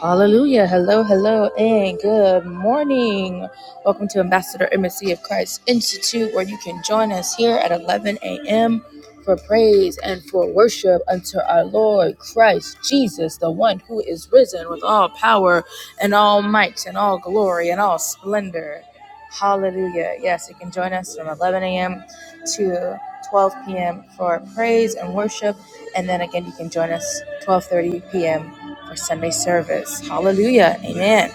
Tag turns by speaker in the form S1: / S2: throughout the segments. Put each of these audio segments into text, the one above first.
S1: Hallelujah. Hello, hello, and good morning. Welcome to Ambassador Embassy of Christ Institute, where you can join us here at 11 a.m. for praise and for worship unto our Lord Christ Jesus, the one who is risen with all power and all might and all glory and all splendor. Hallelujah. Yes, you can join us from 11 a.m. to. 12 p.m. for praise and worship, and then again you can join us 12:30 p.m. for Sunday service. Hallelujah. Amen.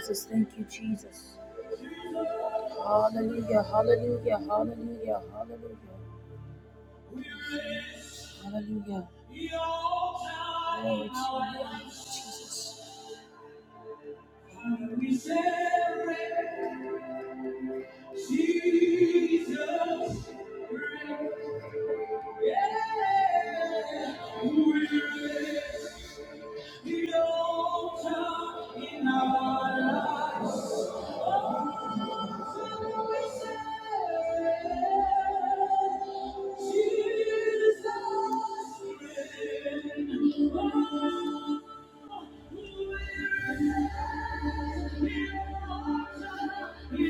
S1: Jesus. Thank you, Jesus. Hallelujah. Hallelujah. Hallelujah. Hallelujah. Hallelujah. Glory We celebrate Jesus. Yeah. We raise the altar in our lives. In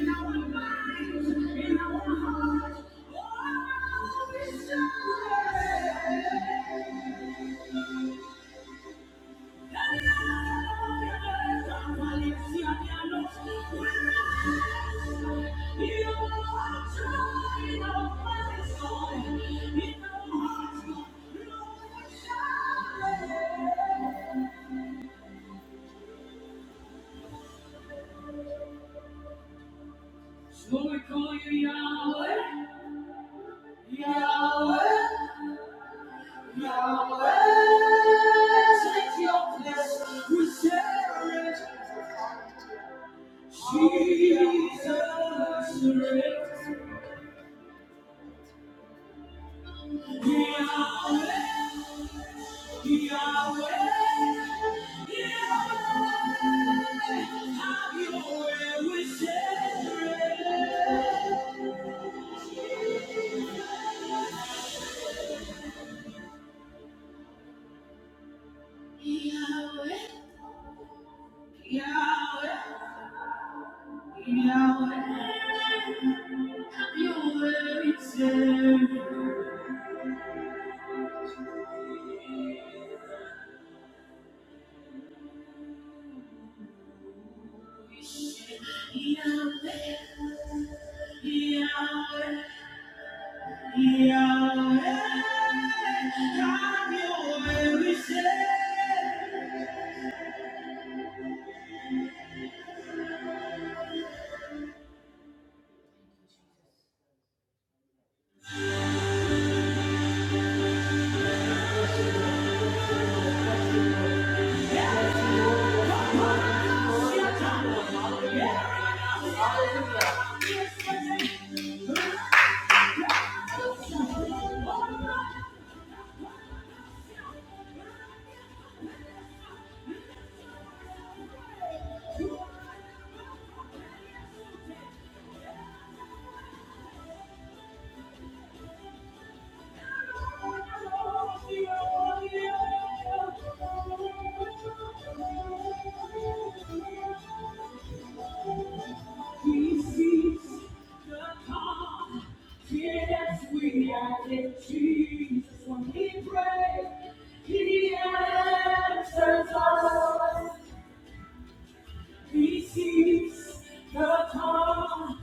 S1: our minds, in our hearts, oh, I'll be saved. So we call you Yahweh, Yahweh, Yahweh. Take your place, we share it. Jesus, reigns. Yahweh, Yahweh, have your way, we say. He sees the calm. Yes, we are in Jesus. When we pray, He answers us. He sees the confidence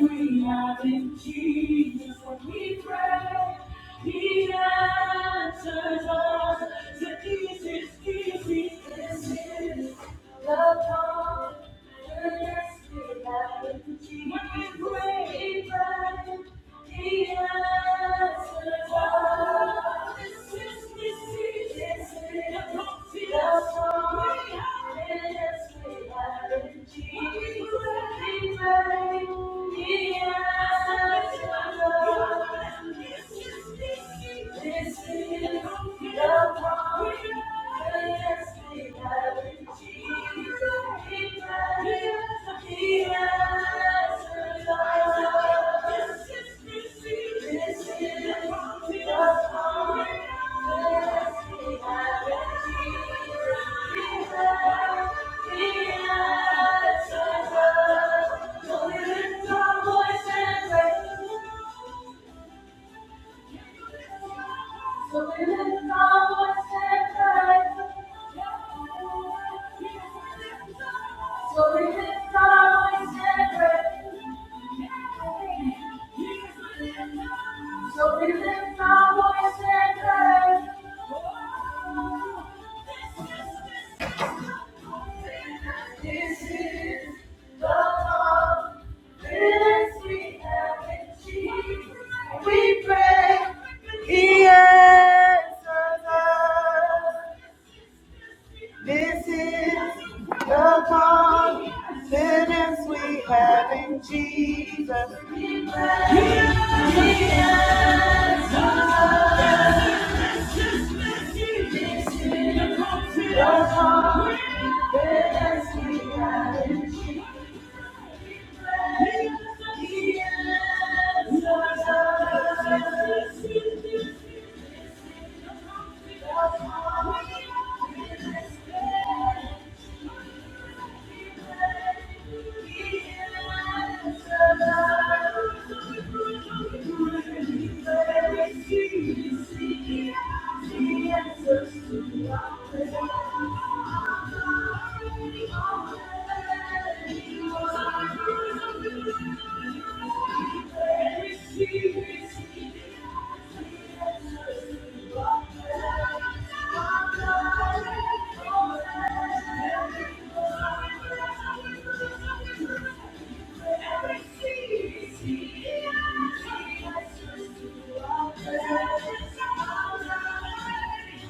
S1: we have in Jesus. When we pray, He answers us. So this is, this is, this is the confidence we have in Jesus. When we pray, He answers us. This is the one. Yes, we have. Thank you. So we lift our voice and pray. So we lift our voice and pray. So we lift our voice and pray. This is the love, this we have in Jesus. We pray, He This is the confidence we have in Jesus. We pray, He Thank you. Thank you. Thank you.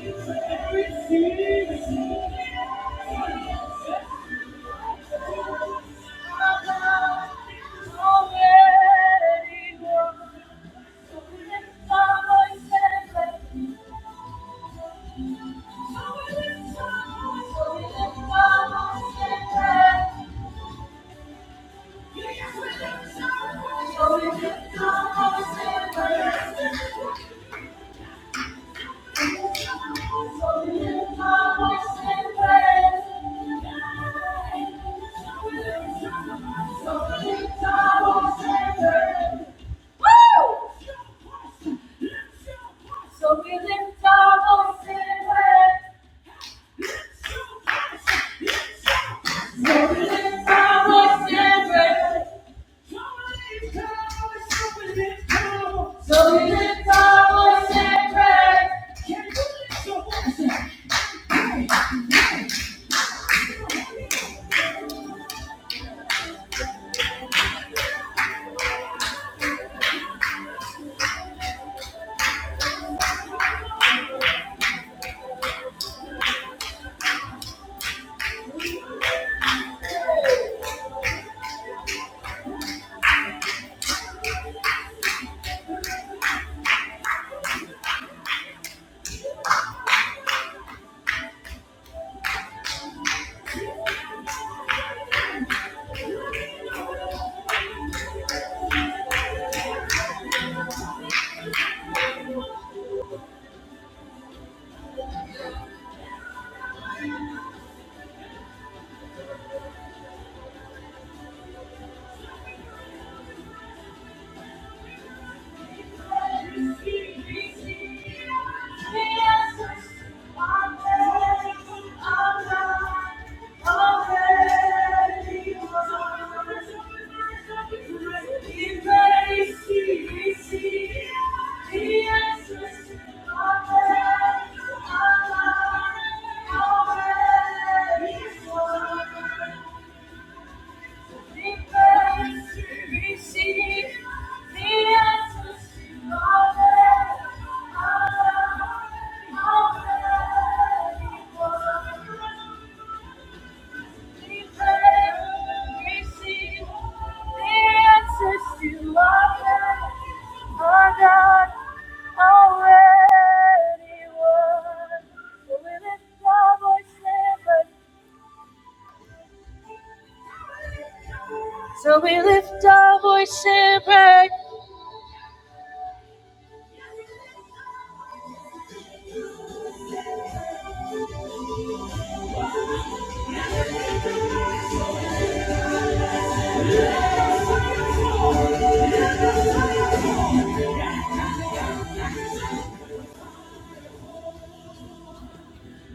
S1: Yes, we Thank you. So we lift our voice and pray. So we lift our voice and pray. Can you lift your voice? and Thank you. So we lift our voice and pray.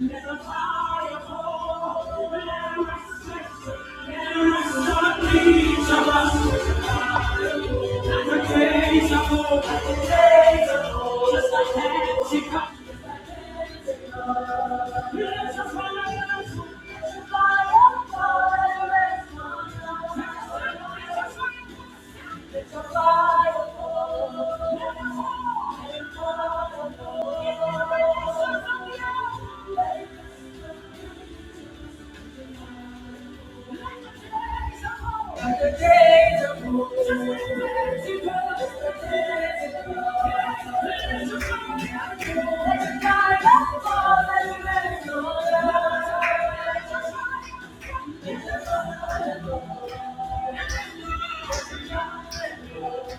S1: Thank you. Like the days of old. Thank you.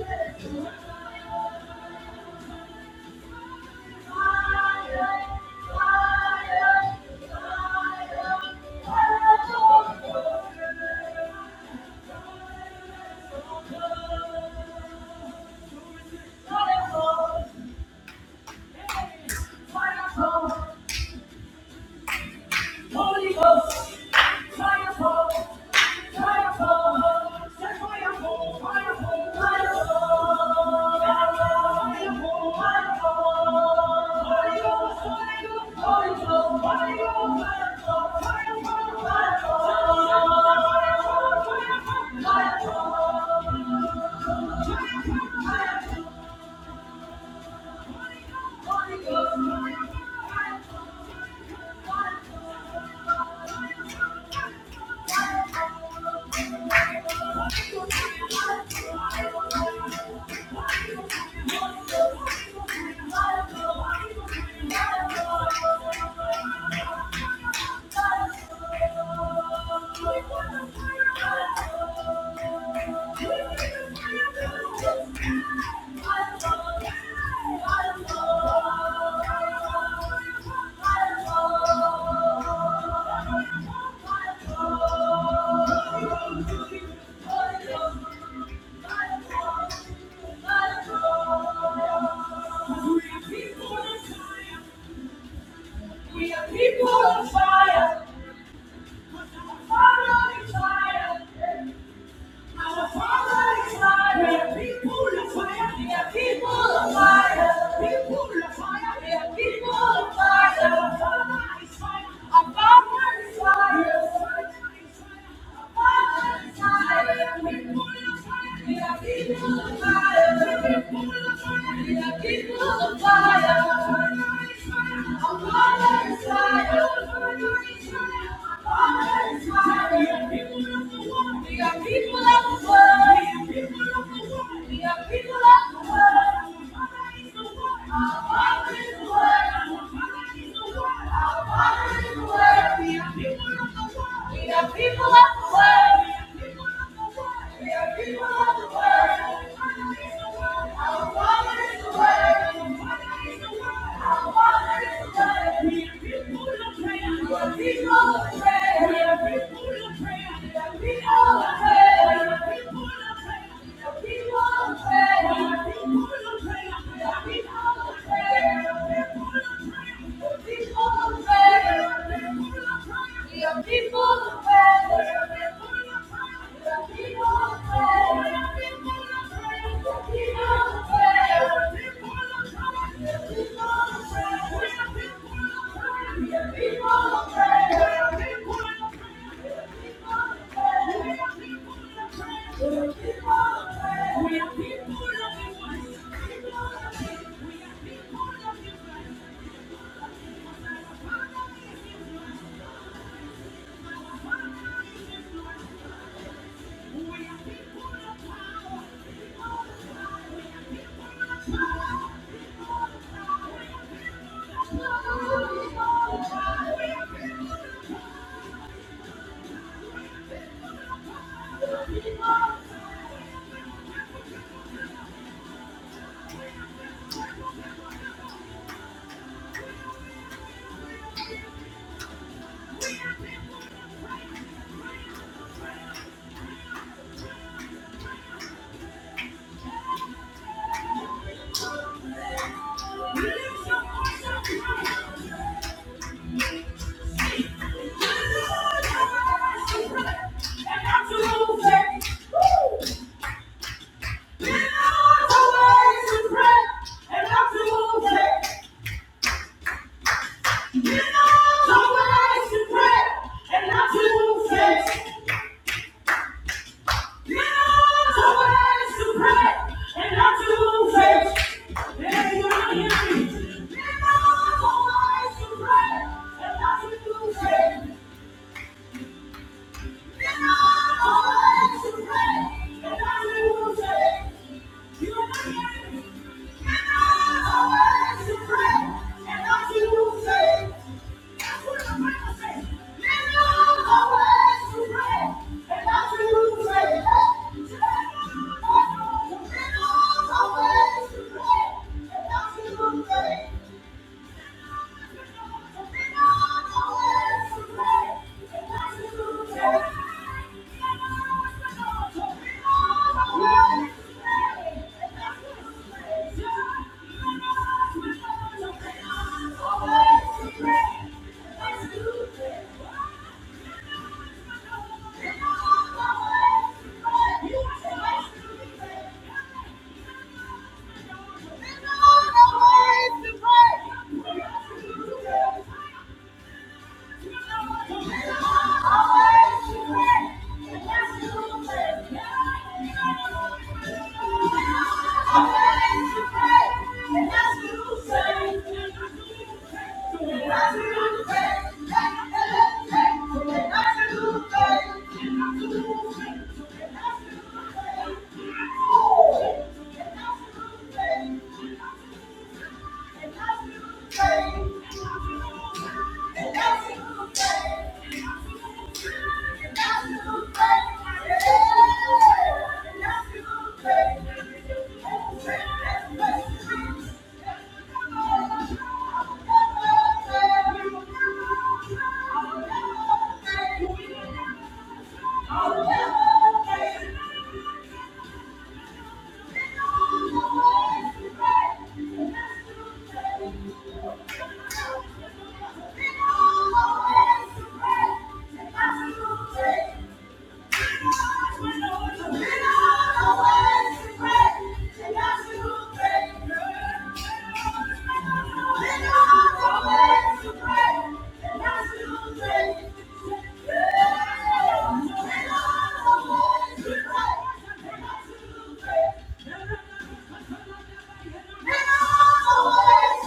S1: Thank you. Fire! Holy Ghost, fire fall, fire fall, set fire fall, fire fall, fire fall, fire fall, fire fall. Holy Ghost, Holy Ghost, Holy Ghost, Holy Ghost, fire fall, fire fall, fire fall, fire fall, fire fall, fire fall, fire fall, fire fall. Holy Ghost, fire fall. fire fall. We are people on fire. We are fire on fire. Our Father is fire. People of fire. We are people of fire. People of fire. We are people of fire. Our Father is fire. Our Father is fire. Our Father is fire. Our Father is fire. People of fire. We are people of fire. People of fire. We are people of fire. Our Father is fire. Our Father is fire. We are people of the world. We are people of the world. We are people of the world. We are people of the world. We are people of the world. People of prayer. We are people of prayer. Thank you. Thank you. You know ways to pray, and I do faith. Yeah, you know, hear me. You know ways to pray, and I do faith. Thank you. Thank you. Thank you. Thank you. In all the ways we've been, we've been too deep. In all the ways we've been, we've been too deep. Thank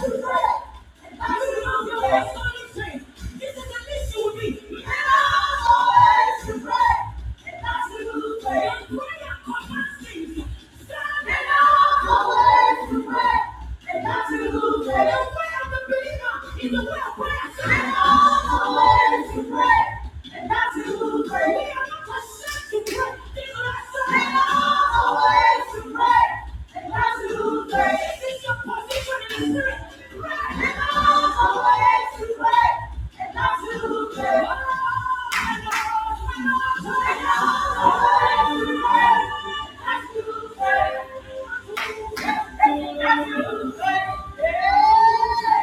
S1: you. Pray. And that's a little prayer. We are not ashamed to pray. Yeah.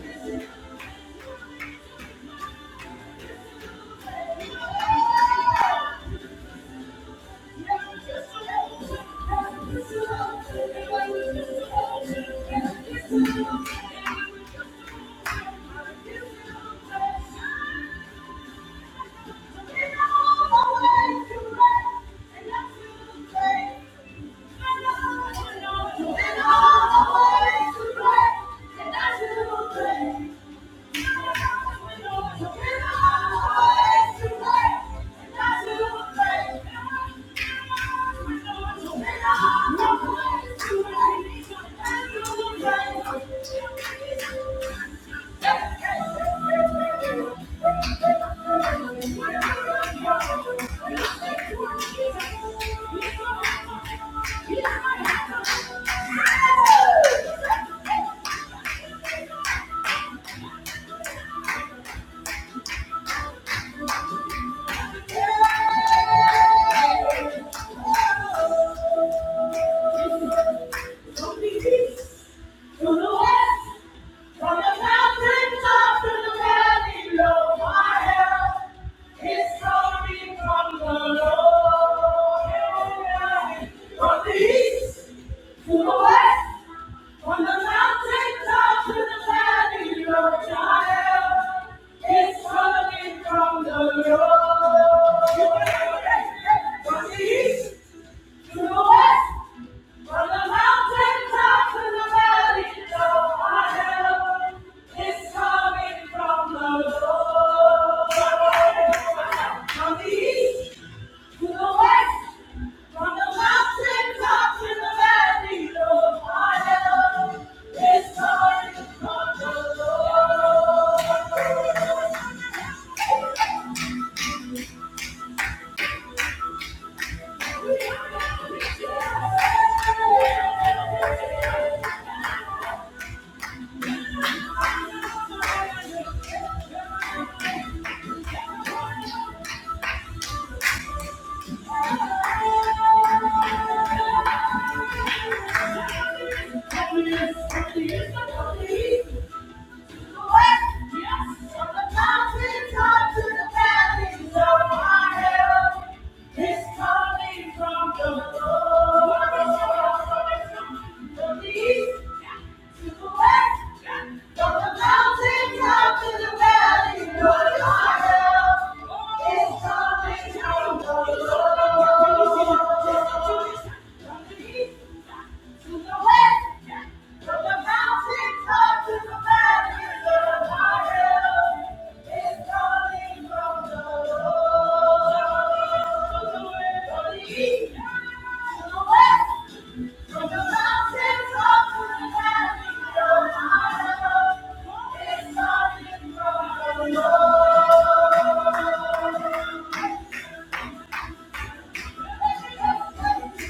S1: Thank you. Thank you. Thank you. From the east to the west, from the mountain top to the valley low, our help is coming from the Lord. From the east to the west, from the mountain top to the valley low, our help is coming from the Lord. It's coming from the Lord. Thank you.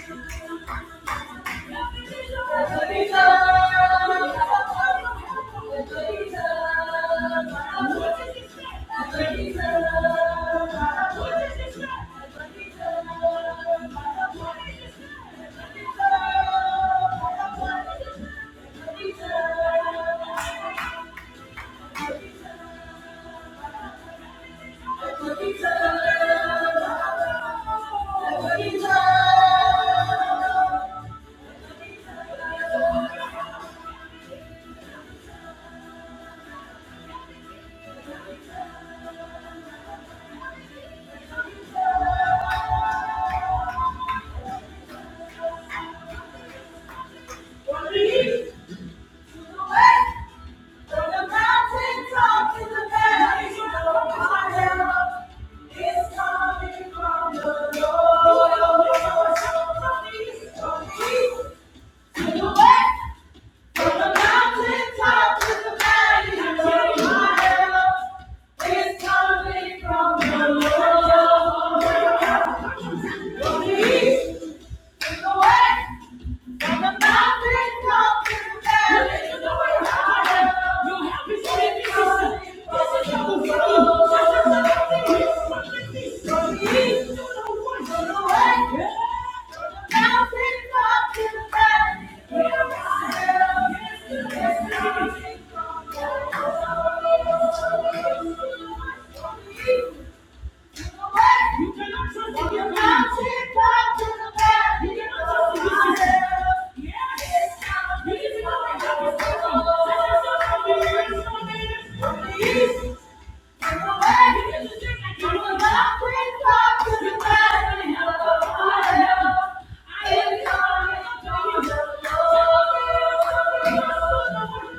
S1: Thank you. From the mountain top to the valley, no fire is coming from the Lord. to the west, from the mountain top to the valley, no fire is coming from the Lord. Thank you.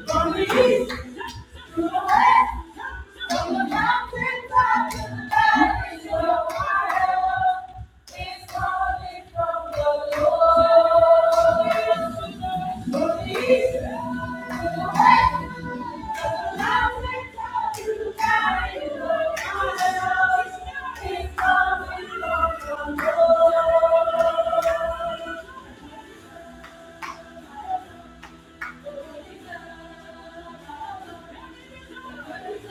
S1: Thank you. Thank you.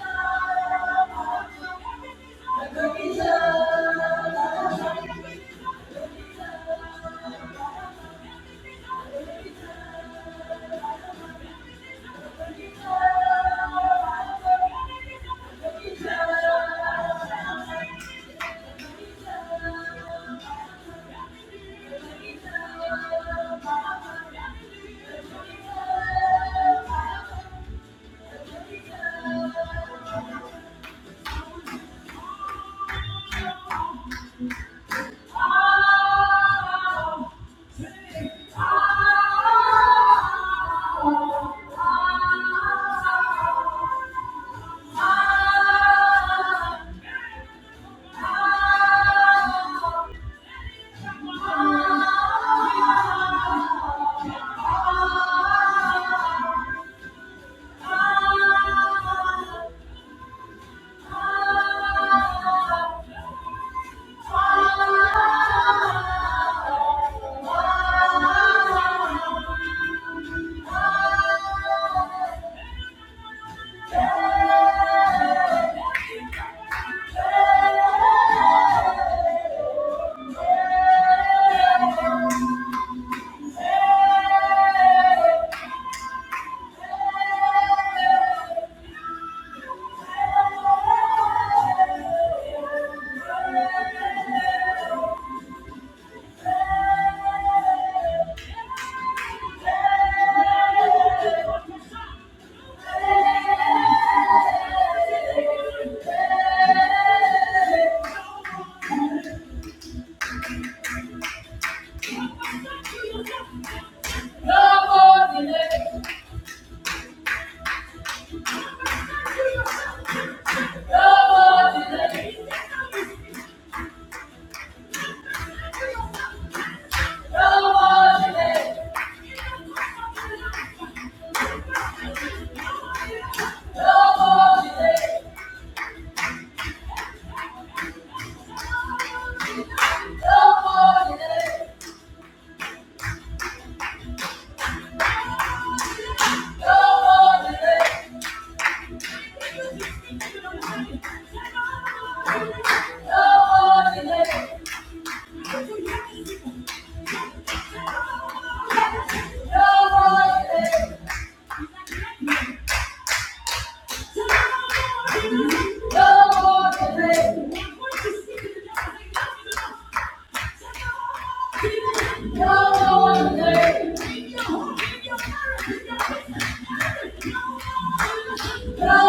S1: Nobody Come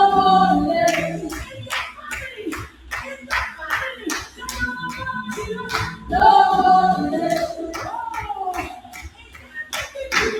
S1: on, let's No, no, no, no, no. No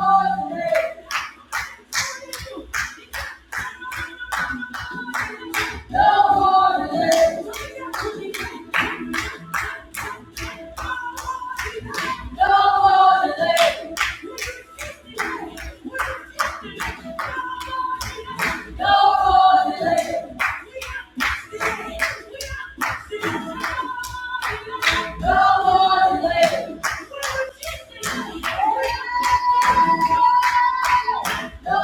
S1: more delay. No more delay. No more delay. No more delay. No more delay. No more delay. No more delay. No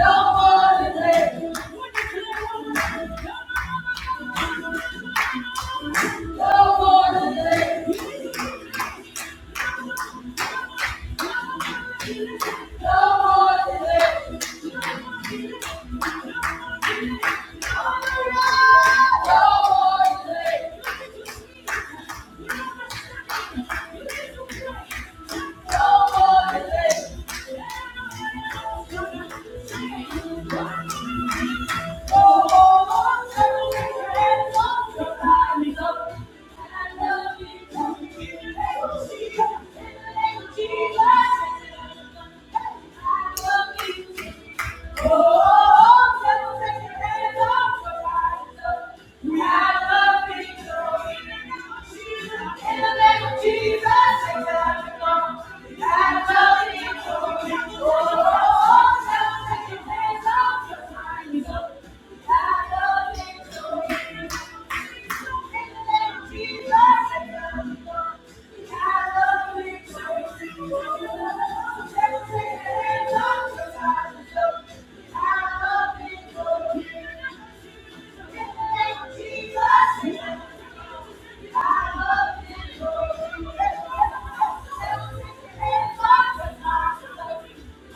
S1: more delay. No more delay. No more delay. No more delay. No more delay. No more delay. Jesus.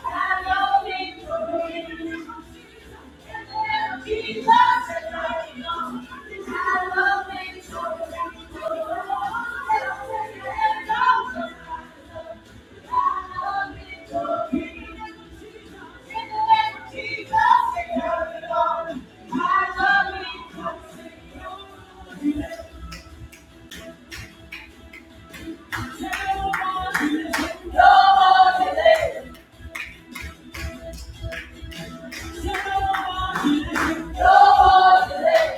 S1: Thank you. No more delay. No more delay.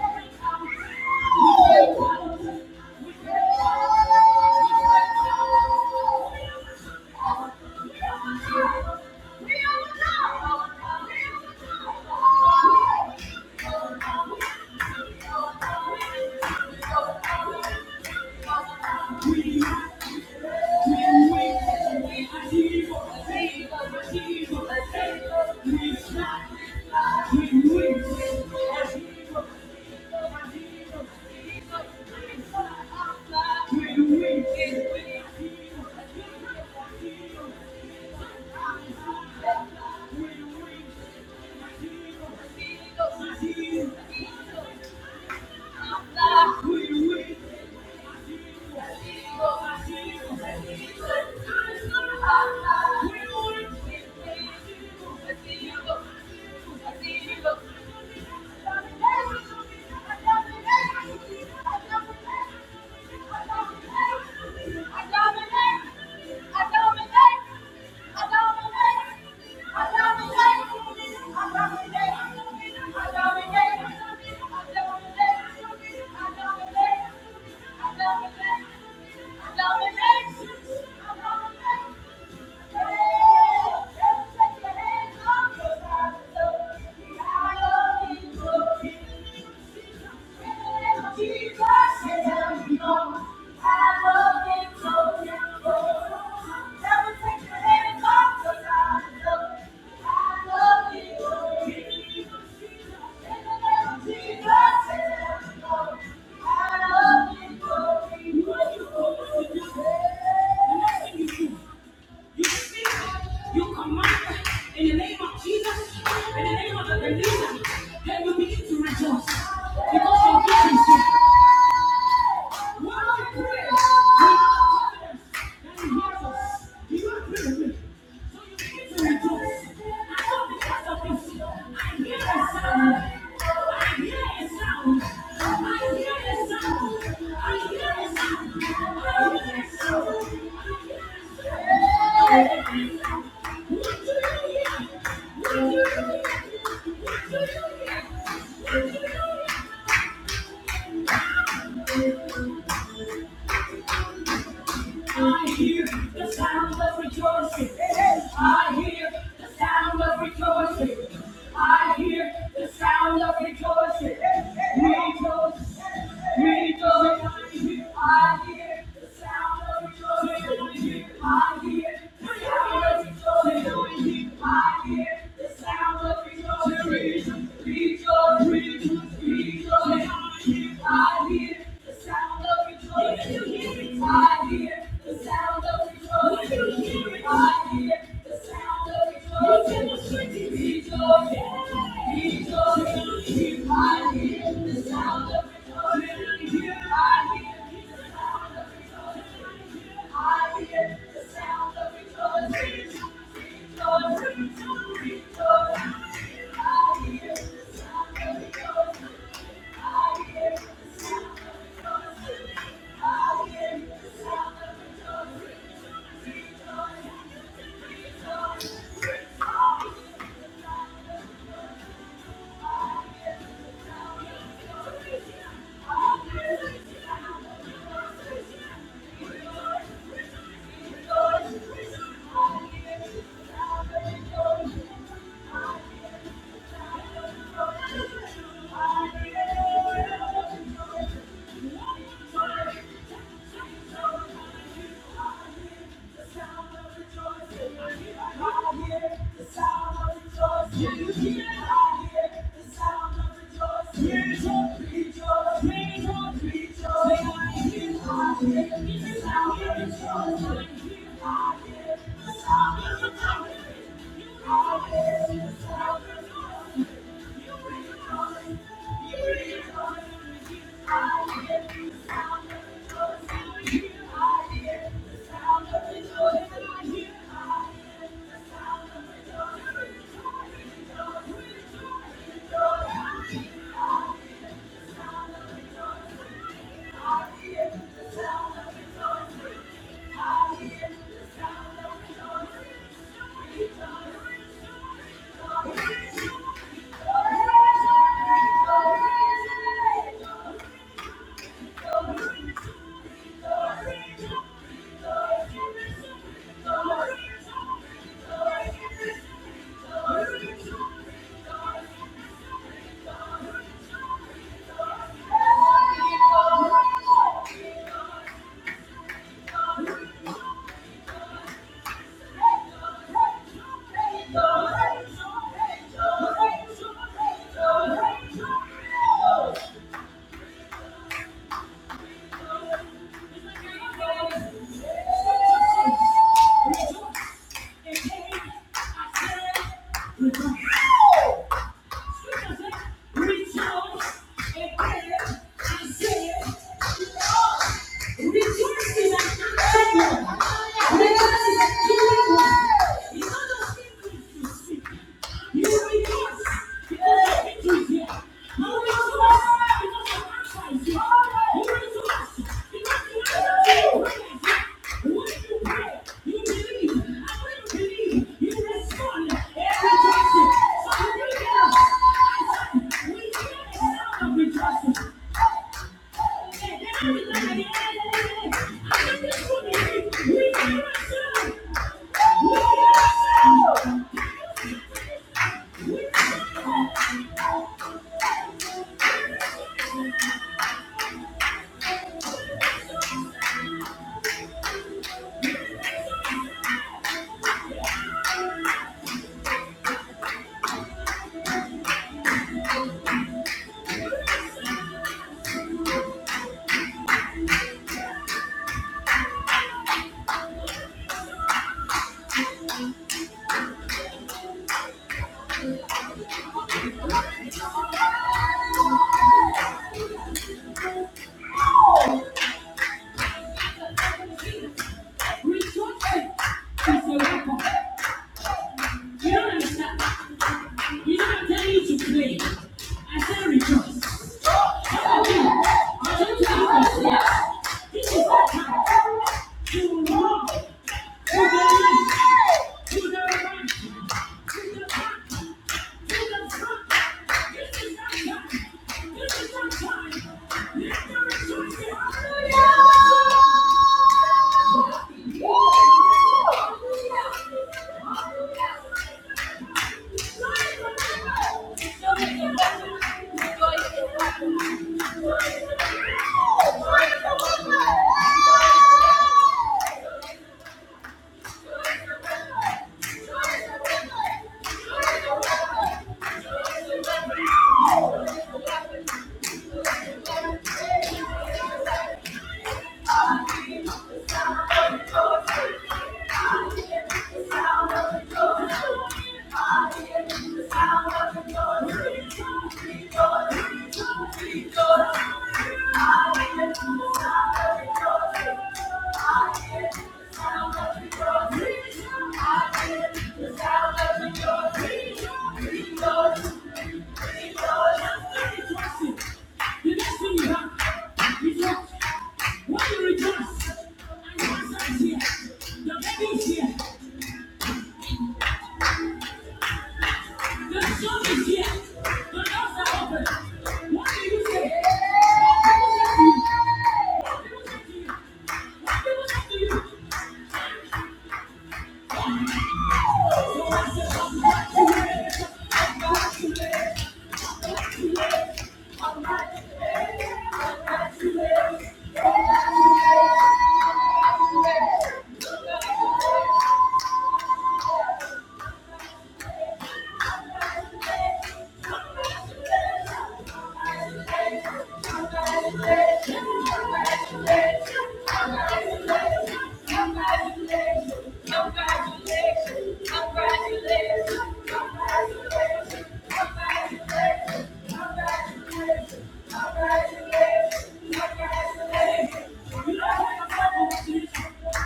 S1: Thank you. We are the wild ones. We are the wild ones. We are the wild ones. We are the wild ones. Thank you. Thank you. Thank you. I'd love you. You speak, you command in the name of Jesus, in the name of the believer, then you begin to rejoice because your gift is here. I hear it sound. I hear the sound of rejoicing. I hear the sound of rejoicing. I hear the sound of rejoicing. Rejoice, rejoice. I hear the sound of rejoicing. I hear the sound of rejoicing. I hear the sound of rejoicing. Rejoice, rejoice, rejoice. I hear the sound sound of rejoicing. When you hear it, I hear the sound of rejoicing. When you hear it, I hear the sound of rejoicing. Rejoice, rejoice. I hear the sound of rejoicing. When you hear it, I hear the sound of rejoicing. I hear the sound of rejoicing. Rejoice, rejoice. I hear the sound of rejoicing. I hear the sound of rejoicing. You bring joy. You bring joy. I hear the sound of joy. I hear the sound of joy. I hear the sound of joy. I hear the sound of joy. I hear the sound of joy. I hear the sound of joy. I hear the sound of joy. Hate me more. Hate me more. Hate me more. Hate me more. Yeah. Rejoice. That's the weapon. You don't understand. You know i tell you to play. I say rejoice. I don't think you can say. This is the time to walk to the left, to the right, to the back, to the front. This is the time. This is the time. Let the rejoicing. Hallelujah! Hallelujah! Hallelujah! I hear the sound of the joy. I hear the sound of the joy. I hear the sound of the joy. I hear the sound of the joy. I hear the sound of the joy. Thank you. Congratulations!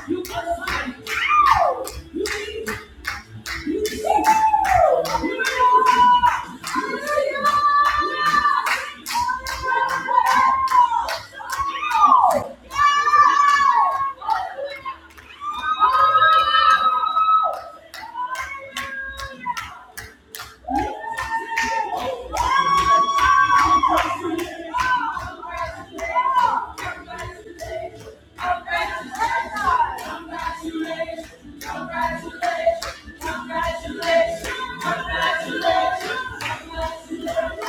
S1: You must find. You need Congratulations! Congratulations! Congratulations!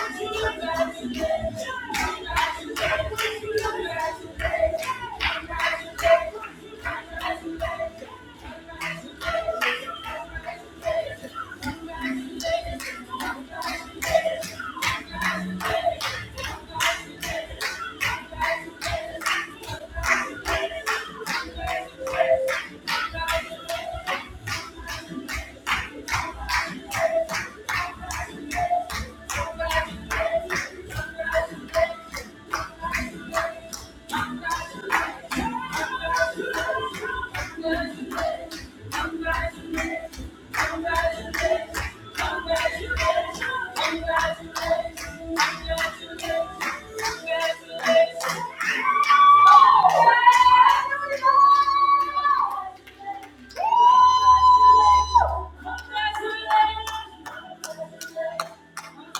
S1: Congratulations! Congratulations!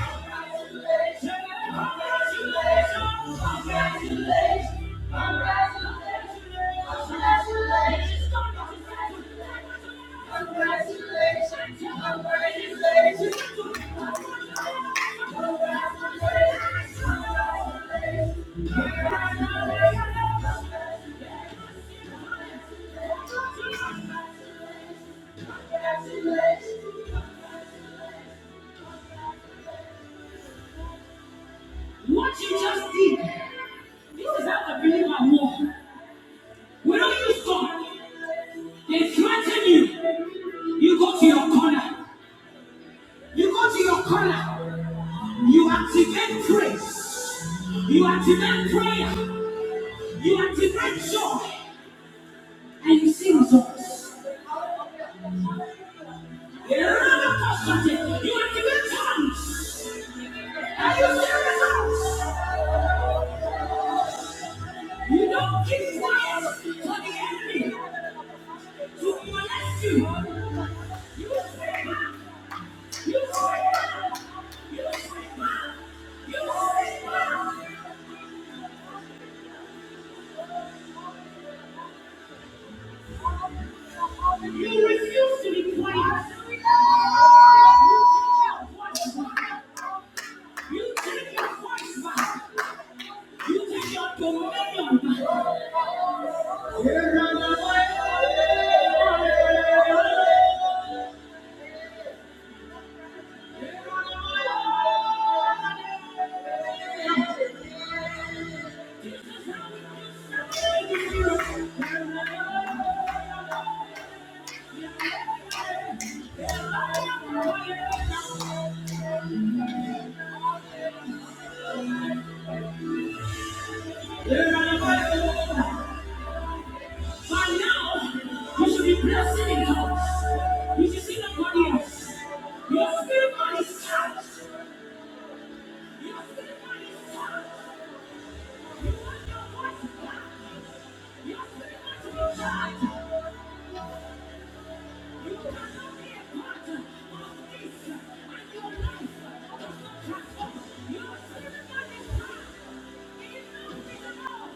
S1: Congratulations! What you just did, this is how the believer move. We don't use God. They threaten you. You go to your corner. You go to your corner. You activate praise. You activate prayer. You activate joy. And you see results. In another posture, you activate tongues. And you see results. You don't keep quiet for the enemy to molest you. You scream out. You scream out. You scream out. You scream out. You refuse to be quiet. You take your voice back. You take your voice back. You take your dominion back. Here am I. Here am Here I. am. By now, you should be blessing in house. You should see the body else. Your spirit man is charged. Your spirit man is charged. You want your voice back. Your spirit man to be charged. You cannot be a part of this and your life does not transform. Your spirit man is charged. Enough is enough.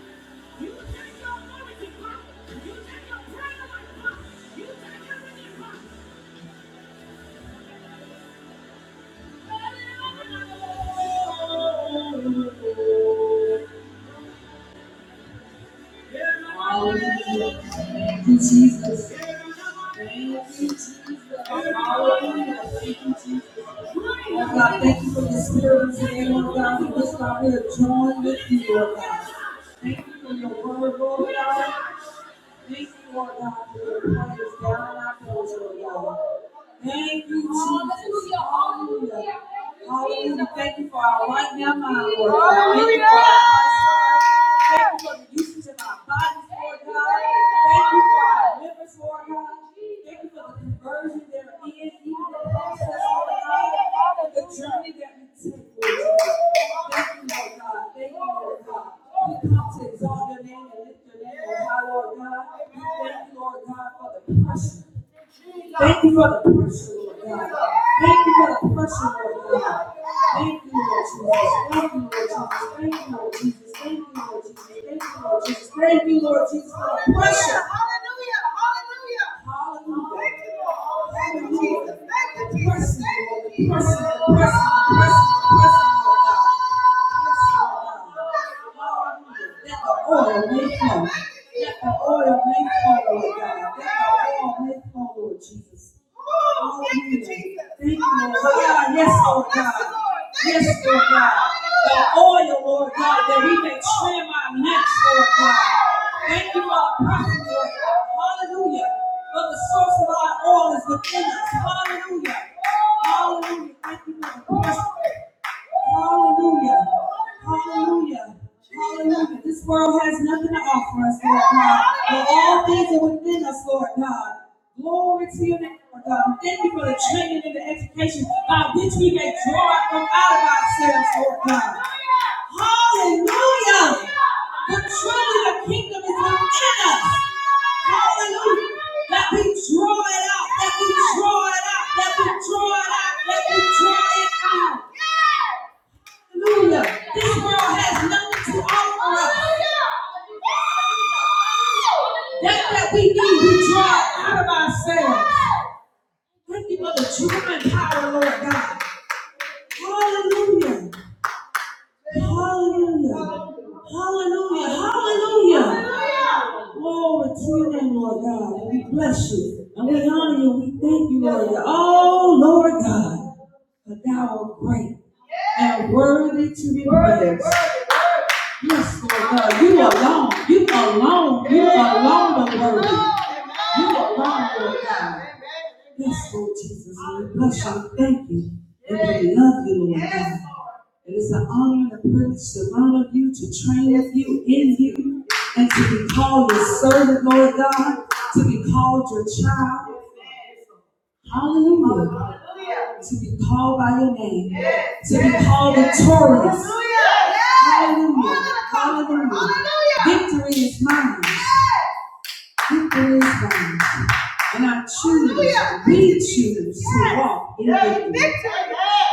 S1: You take your authority back. You take your prayer life back. You take everything back. Lord God, thank you for the spirit of today, Lord God. We just got here to join with you, Lord God. Thank you for your word, Lord God. Thank you, Lord God, for your prayers down our throats, Lord God. Thank you, Jesus. Hallelujah. Thank you for our right now, my Lord. Thank you for our hearts, Lord. Thank you for the usage of our bodies, Lord God. Thank you for our members, Lord God. Thank you for the conversion there is, even the process, Lord God, and the journey that we take, Lord Jesus. Thank you, Lord God. Thank you, Lord God. We come to exalt your name and lift your name, Lord God, Lord God. We thank you, Lord God, for the precious Thank you for the person, Lord God. Thank you for the person, Lord God. Thank you, Lord Jesus. Thank you, Lord Jesus. Thank you, Lord Jesus. Thank you, Lord Jesus. Thank you, Lord Jesus. Thank you, Lord Jesus, for the pressure. Hallelujah. Hallelujah. Hallelujah. Thank you, Lord. Thank you, Jesus. Thank you, Jesus. Thank you, Jesus. Pressing, Lord. Pressing, pressing, pressing, pressing, Lord God. Let the Oil may flow. Let the oil may flow, Lord God. Let the oil may flow, Lord Jesus. Oh, Thank you, Jesus. Thank you, Lord God. Yes, Lord God. Yes, Lord God. The oil, Lord God, that we may trim our necks, Lord God. Thank you, our prophet, Lord God. Hallelujah. But the source of our oil is within us. Hallelujah. Hallelujah. Thank you, Lord. Hallelujah. Hallelujah. Hallelujah. This world has nothing to offer us, Lord God. But all things are within us, Lord God. Glory to your name, Lord God. We Thank you for the training and the education by which we may draw from out of ourselves, Lord God. Hallelujah. But truly the kingdom is within us. Hallelujah. That we draw it out, that we draw it out, that we draw it out, that we draw it out. Hallelujah. This world has nothing to offer us. That that we need, we draw out of ourselves. Thank you for the true and power, Lord God. Hallelujah. Hallelujah. Hallelujah. Hallelujah. Glory to your name, Lord God. And we bless you. And we honor you. We thank you, Lord God. Oh, Lord God. For thou art great and worthy to be praised. Yes, Lord God. You alone. You alone. You alone are worthy. You alone, Lord God. Yes, Lord Jesus. We bless you. Thank you. And we love you, Lord God. It is an honor and a privilege to learn of you, to train of you, in you, and to be called your servant, Lord God, to be called your child. Hallelujah. To be called by your name, to be called victorious. Hallelujah. Hallelujah. Victory is mine. Victory is mine. And I choose, we choose to walk in victory.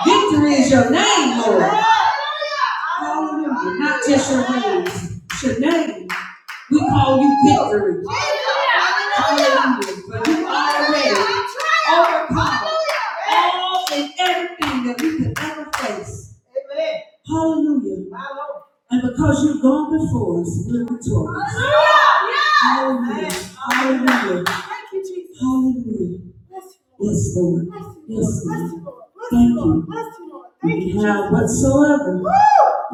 S1: Victory is your name, Lord. Hallelujah. Not just your name, your name we call you victory. Hallelujah. But you already overcome all and everything that we could ever face. Hallelujah. And because you've gone before us, we're victorious. Hallelujah. Hallelujah. Hallelujah. Yes, Lord. Yes, Lord. Thank you. We have whatsoever Woo!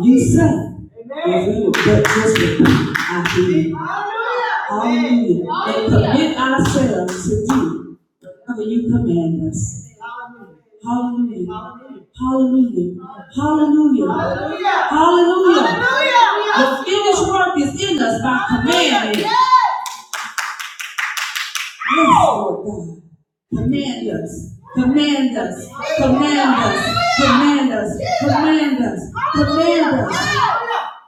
S1: you say. Amen. Amen. But just repeat after me. Hallelujah. And commit ourselves to do whatever you command us. Hallelujah. Hallelujah. Hallelujah. Hallelujah. Hallelujah. The finished work is in us by commandment. Yes, Lord God. Command us. Command us. Command us. Command us. Command us. Command us.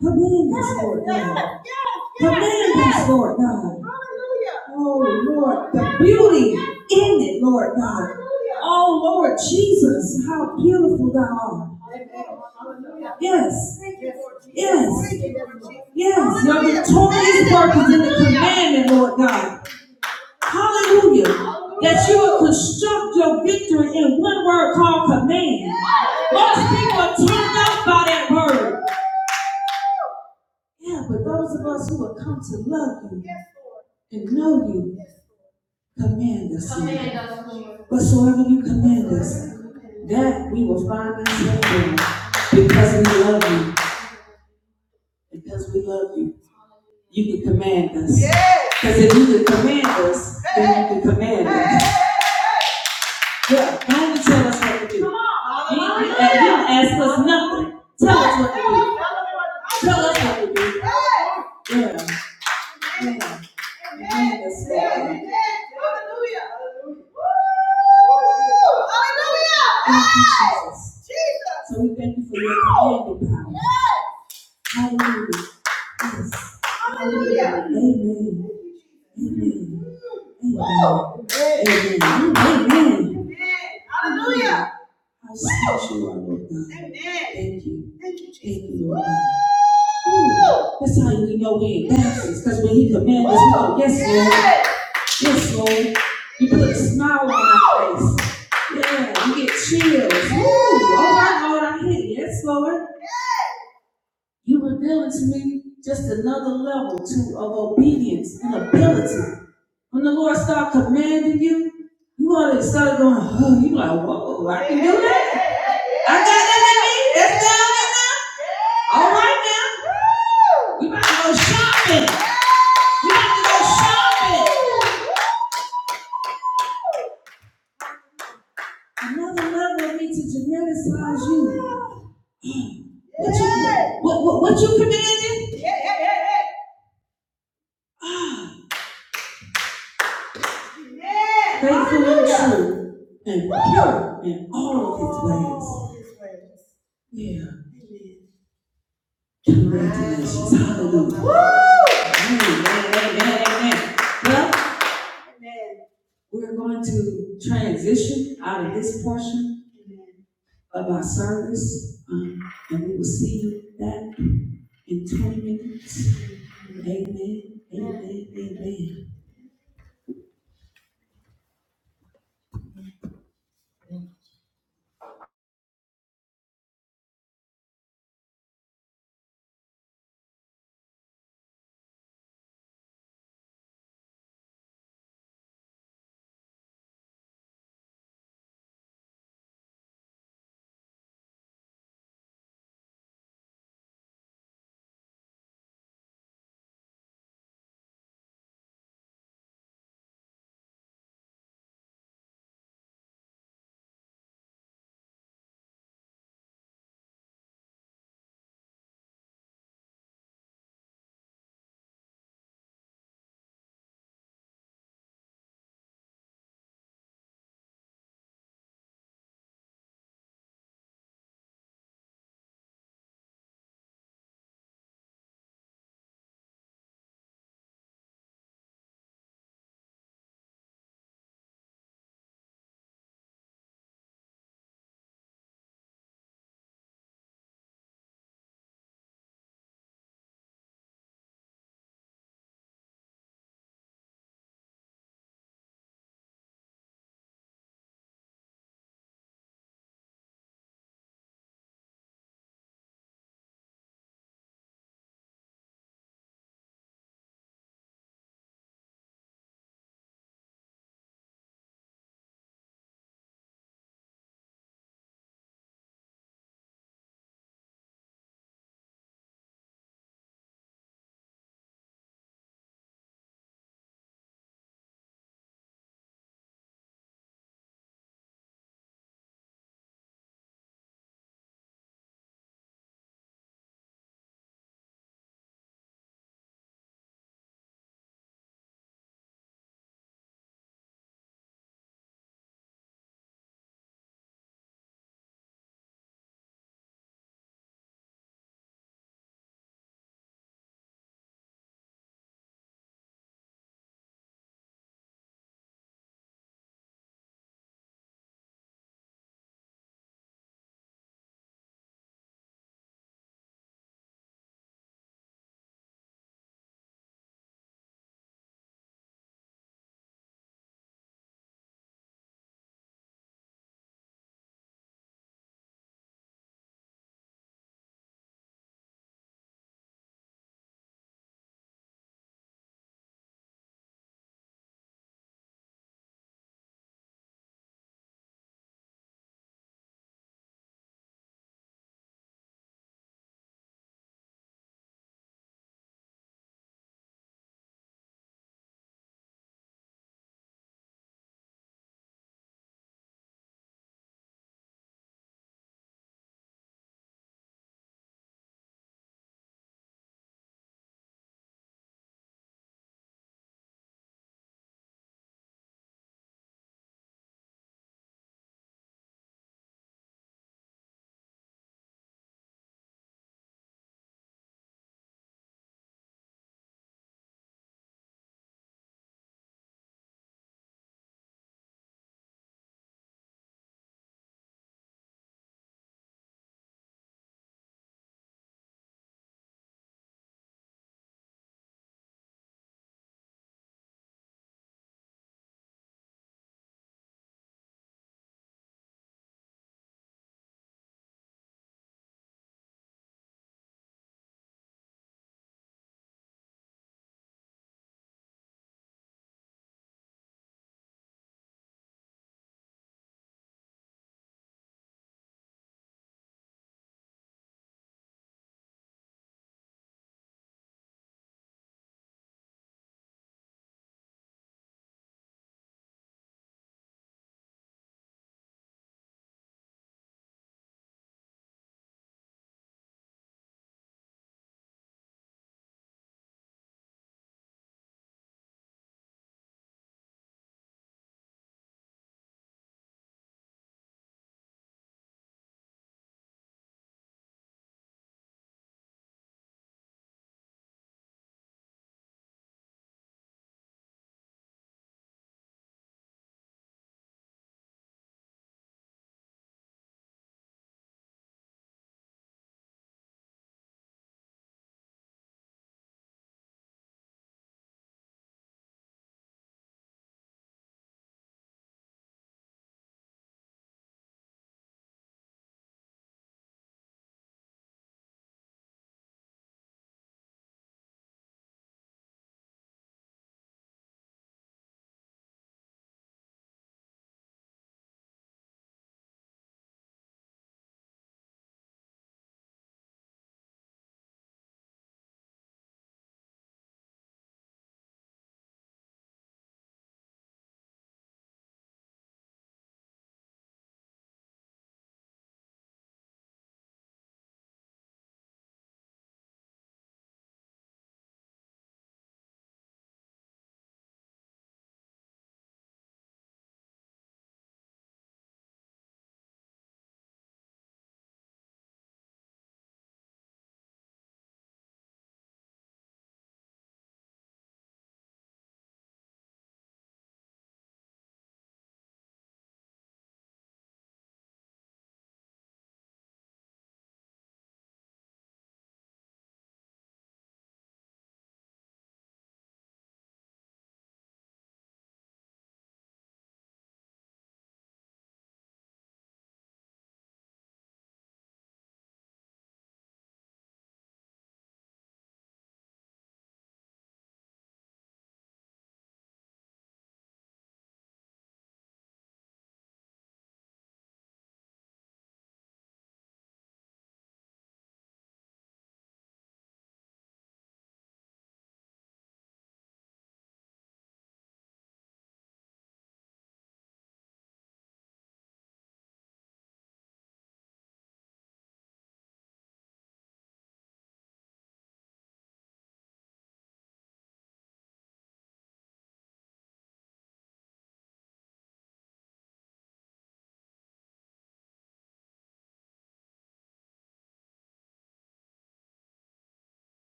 S1: Command us, Lord God. Command us, Lord God. Oh, Lord, the beauty in it, Lord God. Oh, Lord Jesus, how beautiful thou art. Yes. Yes. Yes. Your victorious work is in the commandment, Lord God. Hallelujah. That you will construct your victory in one word called command. Most people are turned off by that word. Yeah, but those of us who have come to love you and know you, command us. Lord. Whatsoever you command us, that we will find ourselves doing because we love you. Because we love you, you can command us. Because if you can command us, then you can command us. Yeah, God didn't tell us what to do. Come on. he didn't ask us nothing. Tell us what to do. Tell us what to do. Yeah. yeah. Amen. Hallelujah. Hallelujah. Thank you, Jesus. So we thank you for your commanding power. Hallelujah. Yes. Hallelujah. Amen. Amen. Amen. Amen. Amen. Hallelujah. I see you, Lord God. Amen. Thank you. Thank you, Jesus. Thank you, Lord God. That's how we know we ain't bastards, because when he commands us, we yes, Lord, Yes. yes, Lord. You put a smile on our face. Yeah, you get chills. Ooh, all right, Lord, I hear you. Yes, Lord. You revealing to me just another level to of obedience and ability. When the Lord start commanding you, you already start going, oh, you like, whoa, I can do that. I got that in me. That's down in there. All right now. We about to go shopping. We about to go shopping. Another level of me to geneticize you. What you, what, what, what you commanded? Faithful and true and pure in all of his ways. Yeah. Very Hallelujah. Amen, amen, amen. Well, we're going to transition out of this portion of our service, um, and we will see you back in 20 minutes. Amen, amen, amen.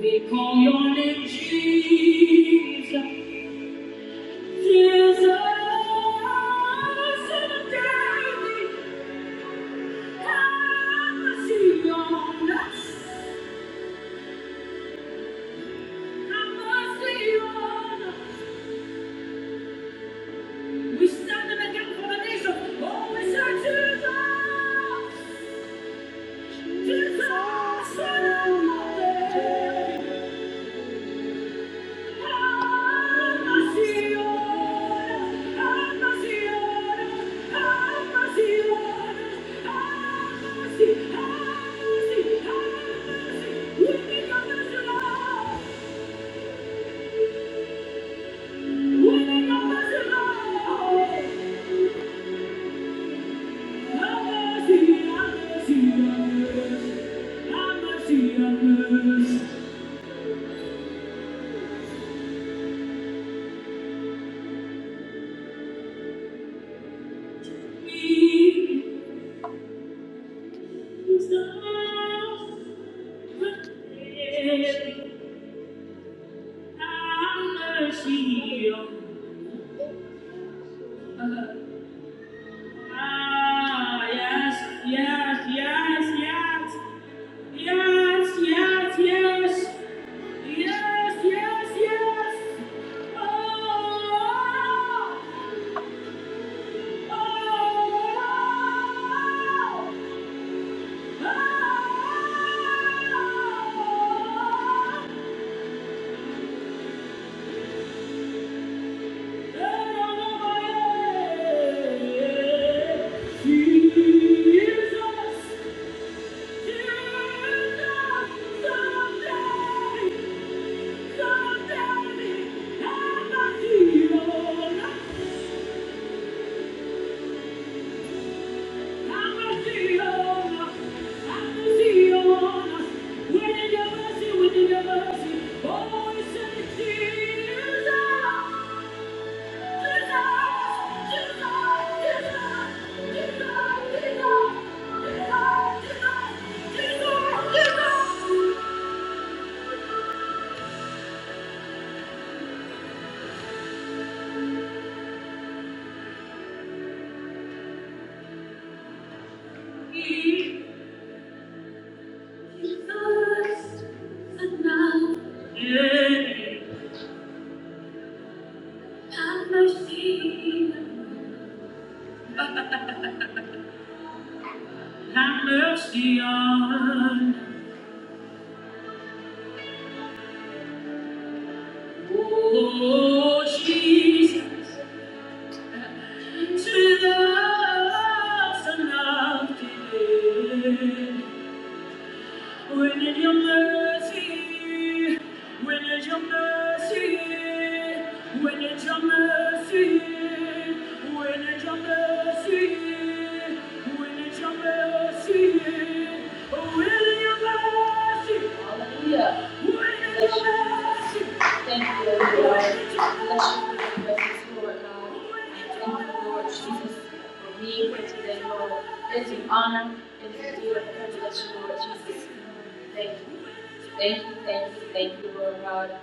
S2: We call your name Jesus. Jesus. and daily have mercy on us. Have mercy on us. We stand in the gap for the nation. Oh, we say Jesus. Jesus. Son of Mary. Mercy on Ah, yes, yes, yes, yes. Yes, yes, yes. Yes, yes, yes. Oh, oh, oh. oh, Jesus, Jesus, someday. Yeah. Have mercy, have mercy on, oh Jesus, to the lost and lost When in your mercy, when is your mercy, when is your mercy, when is your mercy, when is your mercy, when is your mercy, hallelujah, when is your mercy. Thank you, Lord God. Bless you for your presence, Lord God. And thank you, Lord Jesus, for being here today, Lord. It's an honor. It's a dear privilege, Lord Jesus. Thank you. Thank you, thank you, thank you, Lord God.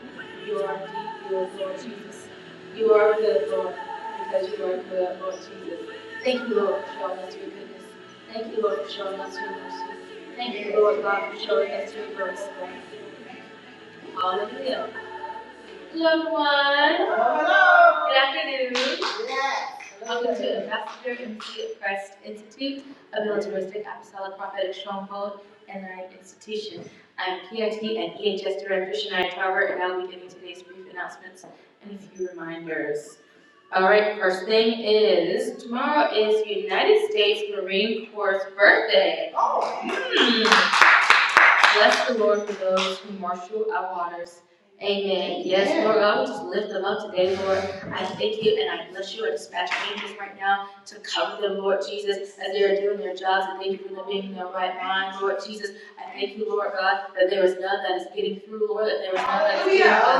S2: You are indeed good, Lord Jesus. You are good, Lord, because you are good, Lord Jesus. Thank you, Lord, for showing us your goodness. Thank you, Lord, for showing us your mercy. Thank you, Lord God, for showing us your grace, Lord. Hallelujah. Hello everyone. Hello. Good afternoon. Welcome to Ambassador MC of Christ Institute, a militaristic apostolic prophetic stronghold and learning institution. I'm PIT and EHS Director Shania Tarver, and I'll be giving today's brief announcements and a few reminders. All right, first thing is tomorrow is United States Marine Corps birthday. Hmm. Bless the Lord for those who marshal our waters. Amen. Yes, Lord God, we just lift them up today, Lord. I thank you and I bless you and dispatch angels right now to cover them, Lord Jesus, as they are doing their jobs. I thank you for them being in their right mind, Lord Jesus. I thank you, Lord God, that there is none that is getting through, Lord, that there is none that is getting by.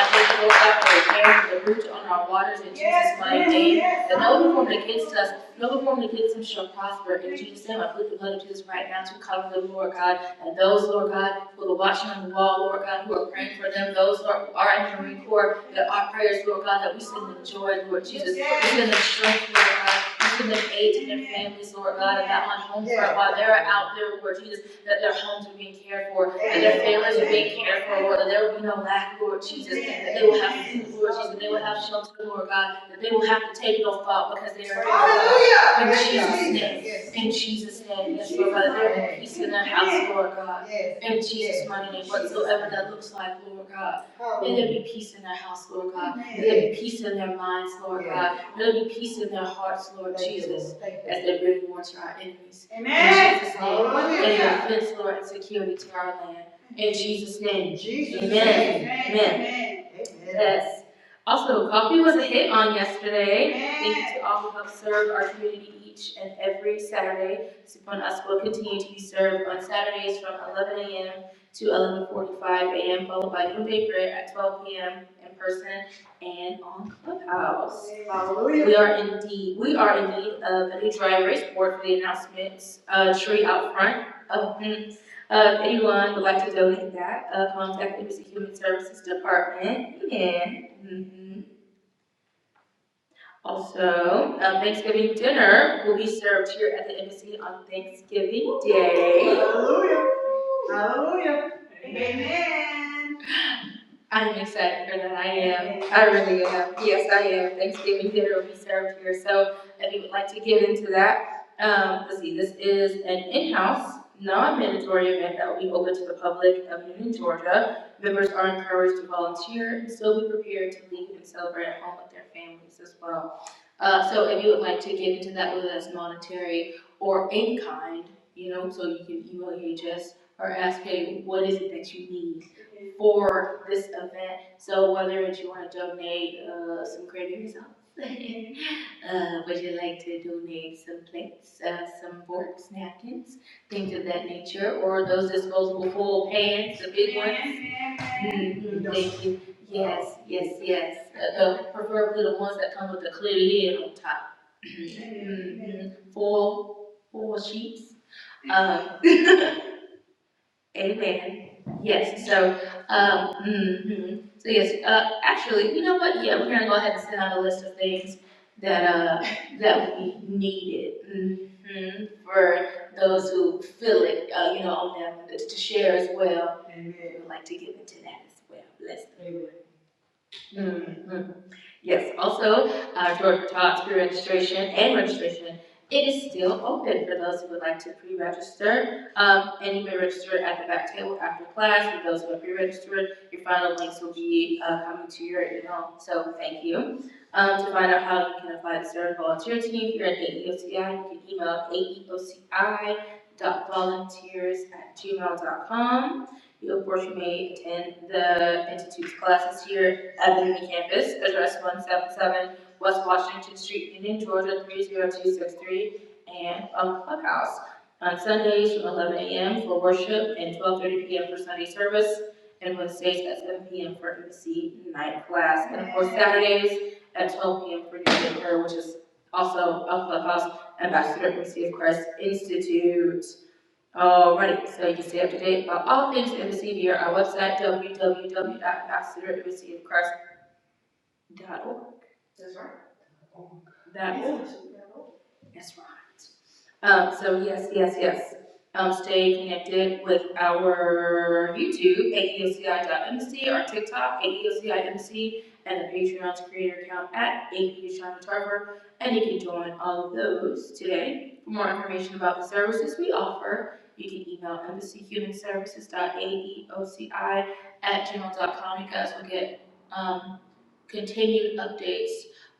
S2: I thank you, Lord God, for repairing the breach on our waters in Jesus' mighty name. That no one formed against us, no one formed against them shall prosper. In Jesus' name, I put the blood of Jesus right now to cover them, Lord God and those, Lord God, who are watching on the wall, Lord God, who are praying for them, those who are who are in the Marine Corps, that our prayers, Lord God, that we send the joy, Lord Jesus, yes. we send the strength, Lord God, we send the aid to their families, Lord God, and that on home front, while they're out there, Lord Jesus, that their homes are being cared for, that their families are being cared for, Lord, that there will be no lack, Lord Jesus, that they will have food, Lord Jesus, that they will have shelter, Lord God, that they will have to take no thought because they are. here, Lord God in yes, Jesus' name. yes, In Jesus' name, yes, Lord God. He's in that house, Lord God. yes. In Jesus' mighty name, whatsoever that looks like, Lord God. May there be peace in that house, Lord God. May there be peace in their minds, Lord God. May there be peace in their hearts, Lord Jesus, as they bring war to our enemies. Amen. In Jesus' name. may there be peace, Lord, and security to our land. In Jesus' name. Amen. Amen. Yes. Also, coffee was a hit on yesterday. Thank you to all who help serve our community each and every Saturday. Supon Us will continue to be served on Saturdays from 11 a.m. to 11:45 a.m., followed by noon prayer at 12 p.m. in person and on Clubhouse. Hallelujah. We are indeed, we are in need of a new dry erase board for the announcements, uh, tree out front. Uh, mm, uh, if anyone would like to donate that, uh, contact the Embassy Human Services Department, and, mhm. Also, a Thanksgiving dinner will be served here at the embassy on Thanksgiving Day. Hallelujah. Hallelujah. Amen. I'm excited for that. I am. I really am. Yes, I am. Thanksgiving dinner will be served here. So if you would like to get into that, um, let's see, this is an in-house, non-mandatory event that will be open to the public of Union, Georgia. Members are encouraged to volunteer and still be prepared to leave and celebrate at home with their families as well. Uh, so if you would like to get into that, whether that's monetary or in kind, you know, so you can email EHS or ask, hey, what is it that you need for this event? So whether it's you want to donate uh, some gravy sauce, uh, would you like to donate some plates, uh, some forks, napkins, things of that nature, or those disposable foil pans, the big ones? Mhm, Thank you. Yes, yes, yes. Uh, the- preferably the ones that come with a clear lid on top. Mhm. Four, four sheets. Um, amen. Yes, so, um, mhm. so yes, uh, actually, you know what? Yeah, we're gonna go ahead and send out a list of things that, uh, that would be needed. Mhm. For those who feel it, uh, you know, on them to share as well. Mm-hmm. We would like to give into that as well. Bless them. Mhm. Yes, also, uh, for Talks pre-registration and registration, it is still open for those who would like to pre-register. Um, and you may register at the back table after class, for those who are pre-registered, your final links will be, uh, coming to your email, so thank you. Um, to find out how you can apply to serve volunteer team here at AEOCI, you can email aeoci dot volunteers at gmail dot com. You, of course, you may attend the institute's classes here Evan Campus, address one seven seven West Washington Street, Union, Georgia, three zero two six three, and on Clubhouse on Sundays from eleven AM for worship and twelve thirty PM for Sunday service, and Wednesdays at seven PM for MC night class, and of course Saturdays at twelve PM for New Prayer, which is also on Clubhouse, Ambassador Embassy of Christ Institute. Alrighty, so you can stay up to date about all things embassy via our website, w w w dot ambassador embassy of Christ. Dutton. That's right. Dudley. That's right. Um, so yes, yes, yes. Um, stay connected with our YouTube, MC, our TikTok, AEOCI.MC, and the Patreon's creator account at A P O Shonda Tarver. And you can join all of those today. For more information about the services we offer, you can email embassyhumanservices.aeoci at gmail.com. You guys will get um, continued updates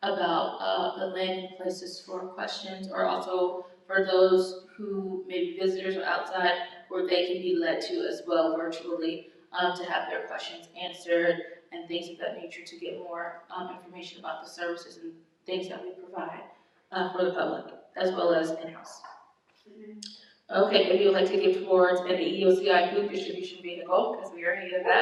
S2: about uh, the landing places for questions or also for those who may be visitors or outside, where they can be led to as well virtually, um, to have their questions answered and things of that nature to get more, um, information about the services and things that we provide, uh, for the public, as well as in-house. Okay, if you would like to give towards an EOCI food distribution vehicle, because we already did that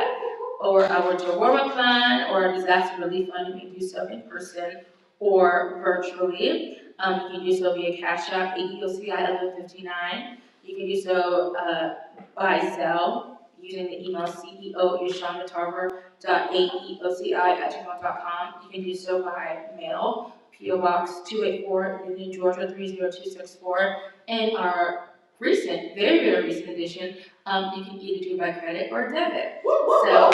S2: or our will do warm-up fund, or a disaster relief fund, you can do so in person or virtually. Um, you can do so via Cash App, EEOCI eleven fifty-nine. You can do so, uh, by cell, using the email CEO, Yashonda Tarver, dot AEOCI at gmail dot com. You can do so by mail, PO Box two eight four, Union, Georgia three zero two six four. And our recent, very, very recent edition, um, you can either do it by credit or debit. So,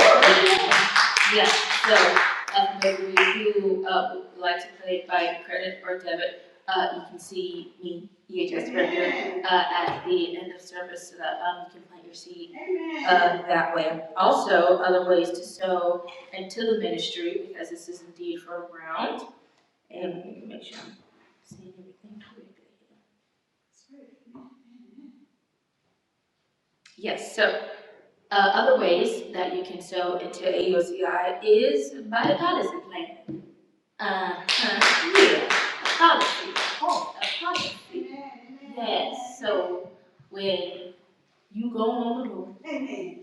S2: yeah, so, um, if you, uh, would like to pay by credit or debit, uh, you can see me, EHS director, uh, at the end of service, so that, um, you can plant your seed, uh, that way. Also, other ways to sow into the ministry, because this is indeed for a round, and let me make sure I'm saying everything correctly. Yes, so, uh, other ways that you can sow into AOCI is by the Goddess plan. Uh-huh, yeah, a policy, oh, a policy. Yes, so when you go on the road, Amen.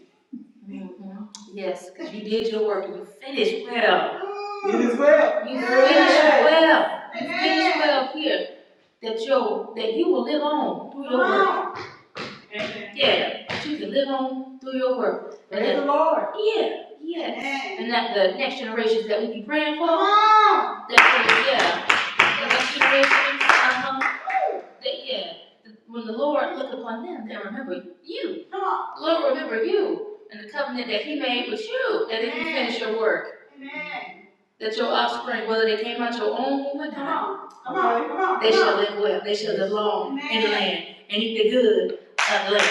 S2: mhm, yes, because you did your work, you finished well. Amen. It is well. You Yeah. finished well, you finished well here, that your, that you will live on through your work. Yeah, that you can live on through your work. And that- Yeah, yeah. And that the next generations that we be praying for, that, yeah, in the situation among the, yeah, when the Lord look upon them, they remember you. Come on. Lord remember you and the covenant that He made with you, that if you finish your work, Amen. that your offspring, whether they came out your own womb or not, Come on. Come on. they come shall on. live well. They shall live long amen. in the land and eat the good of the land.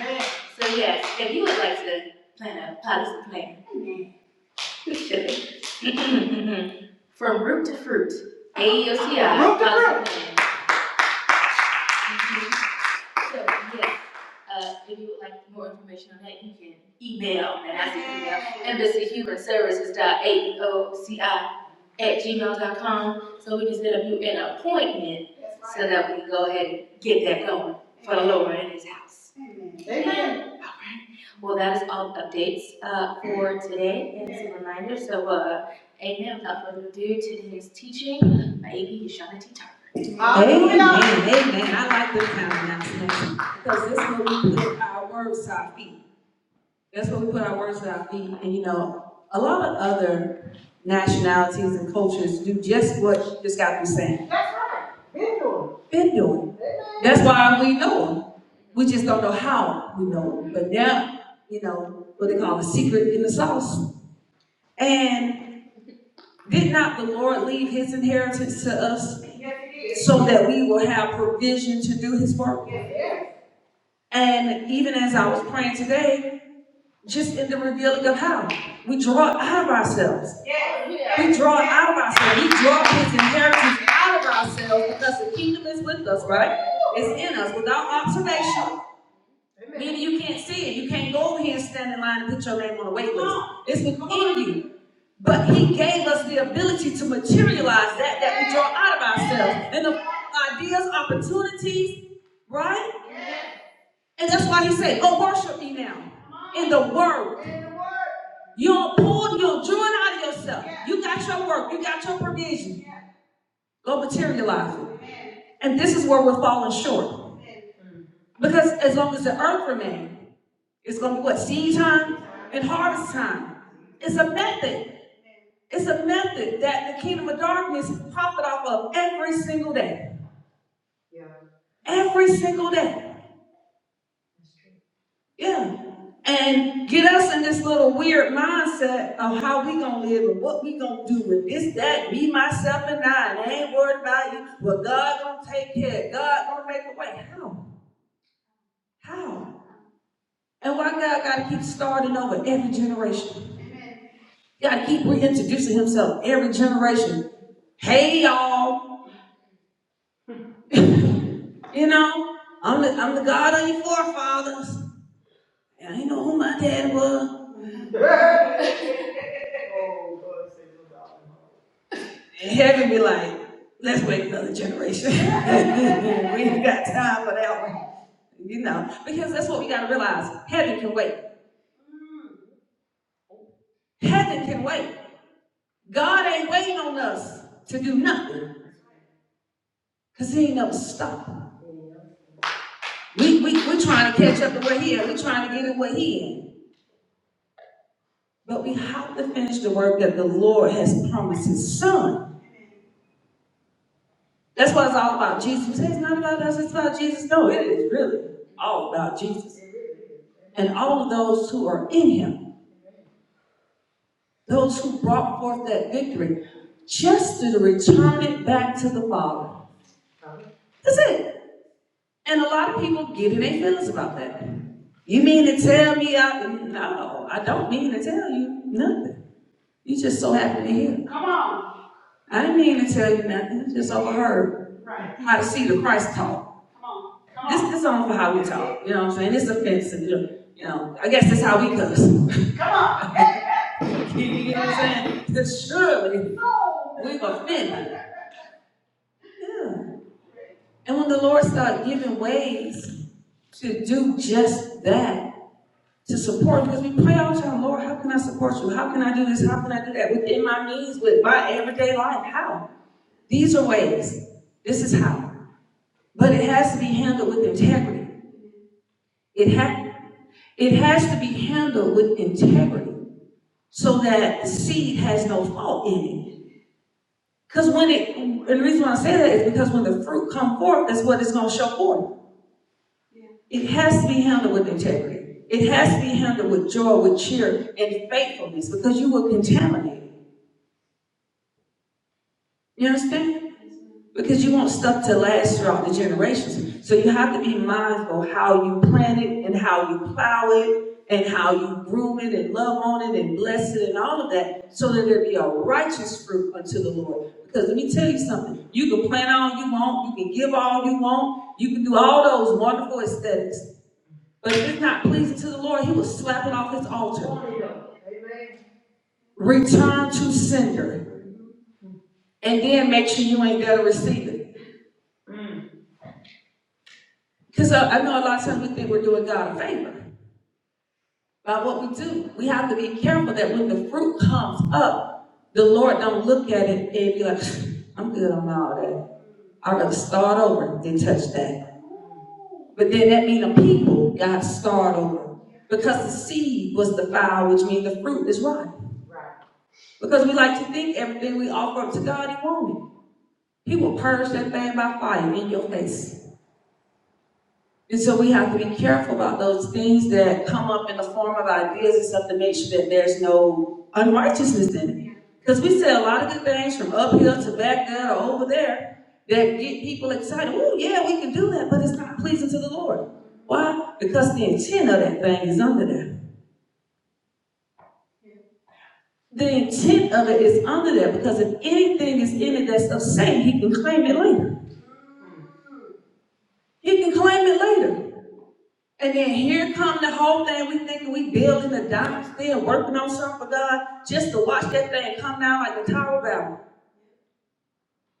S2: Amen. So yes, if you would like to plan a policy plan Amen. From root to fruit, AEOCI. Root to fruit. Mm-hmm. So, yes, uh, if you would like more information on that, you can email, and I say email, embassyhumanservices.aeoci at gmail dot com. So we can set up you an appointment, right, so that we can go ahead and get that going for the Lord in his house. Amen. Amen. Well, that is all the updates uh, for today, and as a reminder, so uh, Amen, without further ado, today's teaching, by AP is Shana T. Tarver. Amen, amen, I like this kind of announcement, because this is where we put our words to our feet. That's where we put our words to our feet, and you know, a lot of other nationalities and cultures do just what you just got through saying, That's right. Been doing. been doing. That's why we know them, we just don't know how we know them, but now you know, what they call the secret in the sauce. And did not the Lord leave his inheritance to us so that we will have provision to do his work? And even as I was praying today, just in the revealing of how we draw out of ourselves. We draw out of ourselves. We draw his inheritance out of ourselves because the kingdom is with us, right? It's in us without observation. Meaning you can't see it. You can't go over here and stand in line and put your name on a wait list. It's within you. But he gave us the ability to materialize that that we draw out of ourselves and the ideas, opportunities, right? And that's why he said, Go worship me now in the word. You don't pull, you don't draw it out of yourself. You got your work, you got your provision. Go materialize it. And this is where we're falling short. Because as long as the earth remains, it's gonna be what? Seed time and harvest time. It's a method. It's a method that the kingdom of darkness profit off of every single day. Every single day. Yeah. And get us in this little weird mindset of how we gonna live and what we gonna do and this, that, me, myself, and I. And I ain't worried about you. Well, God gonna take care. God gonna make a way. How? How? And why God gotta keep starting over every generation? He Gotta keep reintroducing himself every generation. Hey y'all, You know, I'm the, I'm the God of your forefathers. And I didn't know who my dad was. And heaven be like, let's wait another generation. we ain't got time for that one. You know, because that's what we got to realize. Heaven can wait. Heaven can wait. God ain't waiting on us to do nothing because he ain't never stopped. We, we, we're trying to catch up to where he is. We're trying to get in where he is. But we have to finish the work that the Lord has promised his son. That's what it's all about Jesus. You say It's not about us, it's about Jesus. No, it is really all about Jesus. And all of those who are in him, those who brought forth that victory, just to return it back to the Father. That's it. And a lot of people get in their feelings about that. You mean to tell me I no, I don't mean to tell you nothing. You just so happy to hear. Come on. I didn't mean to tell you nothing, it's just overheard Right, how to see the Christ talk. come on, come This on, this on for how we talk, you know what I'm saying? It's offensive, you know, I guess that's how we cuss. come on. You know what I'm saying? That's surely no. We've offended. Yeah. And when the Lord started giving ways to do just that, to support, because we pray all the time, Lord, how can I support you? How can I do this? How can I do that? Within my means, with my everyday life, how? These are ways. This is how. But it has to be handled with integrity. It ha- it has to be handled with integrity so that the seed has no fault in it. Because when it, and the reason why I say that is because when the fruit come forth, that's what it's going to show forth. It has to be handled with integrity. It has to be handled with joy, with cheer, and faithfulness because you will contaminate. You understand? Because you want stuff to last throughout the generations. So you have to be mindful how you plant it and how you plow it and how you groom it and love on it and bless it and all of that so that there be a righteous fruit unto the Lord. Because let me tell you something, you can plant all you want, you can give all you want, you can do all those wonderful aesthetics. But if it's not pleasing to the Lord, he will slap it off his altar. Return to sender and then make sure you ain't there to receive it. Because I, I know a lot of times we think we're doing God a favor. by what we do. We have to be careful that when the fruit comes up, the Lord don't look at it and be like, I'm good on all that. I'd rather start over than touch that. But then that means the people got to start over. Because the seed was defiled, which means the fruit is rotten. Right. Because we like to think everything we offer up to God, He won't. He will purge that thing by fire in your face. And so we have to be careful about those things that come up in the form of ideas and stuff to make sure that there's no unrighteousness in it. Because we say a lot of good things from up here to back there or over there that get people excited. Oh, yeah, we can do that, but it's not pleasing to the Lord. Why? Because the intent of that thing is under there. The intent of it is under there because if anything is in it that's of Satan, he can claim it later. He can claim it later. And then here come the whole thing. We thinking we building a dime still working on something for God just to watch that thing come down like the Tower of Babel.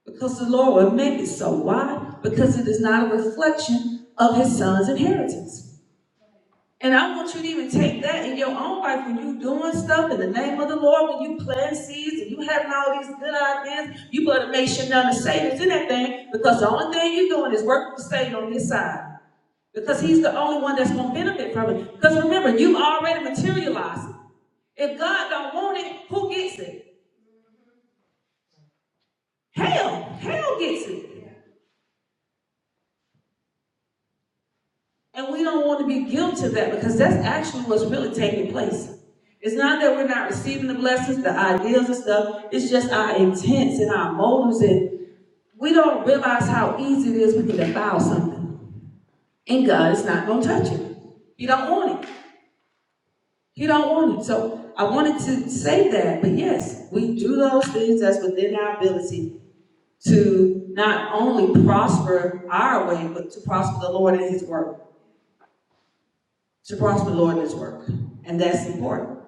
S2: Because the Lord will make it so. Why? Because it is not a reflection of his son's inheritance. And I want you to even take that in your own life when you doing stuff in the name of the Lord, when you plant seeds and you having all these good ideas, you better make sure none of Satan's in that thing because the only thing you're doing is working for Satan on his side. Because he's the only one that's gonna benefit from it. Because remember, you already materialized. it. If God don't want it, who gets it? Hell, hell gets it. And we don't want to be guilty of that because that's actually what's really taking place. It's not that we're not receiving the blessings, the ideas and stuff. It's just our intents and our motives, and we don't realize how easy it is we can defile something. And God is not gonna touch it. You don't want it. He don't want it. So I wanted to say that, but yes, we do those things that's within our ability to not only prosper our way, but to prosper the Lord in his work, to prosper the Lord in his work. And that's important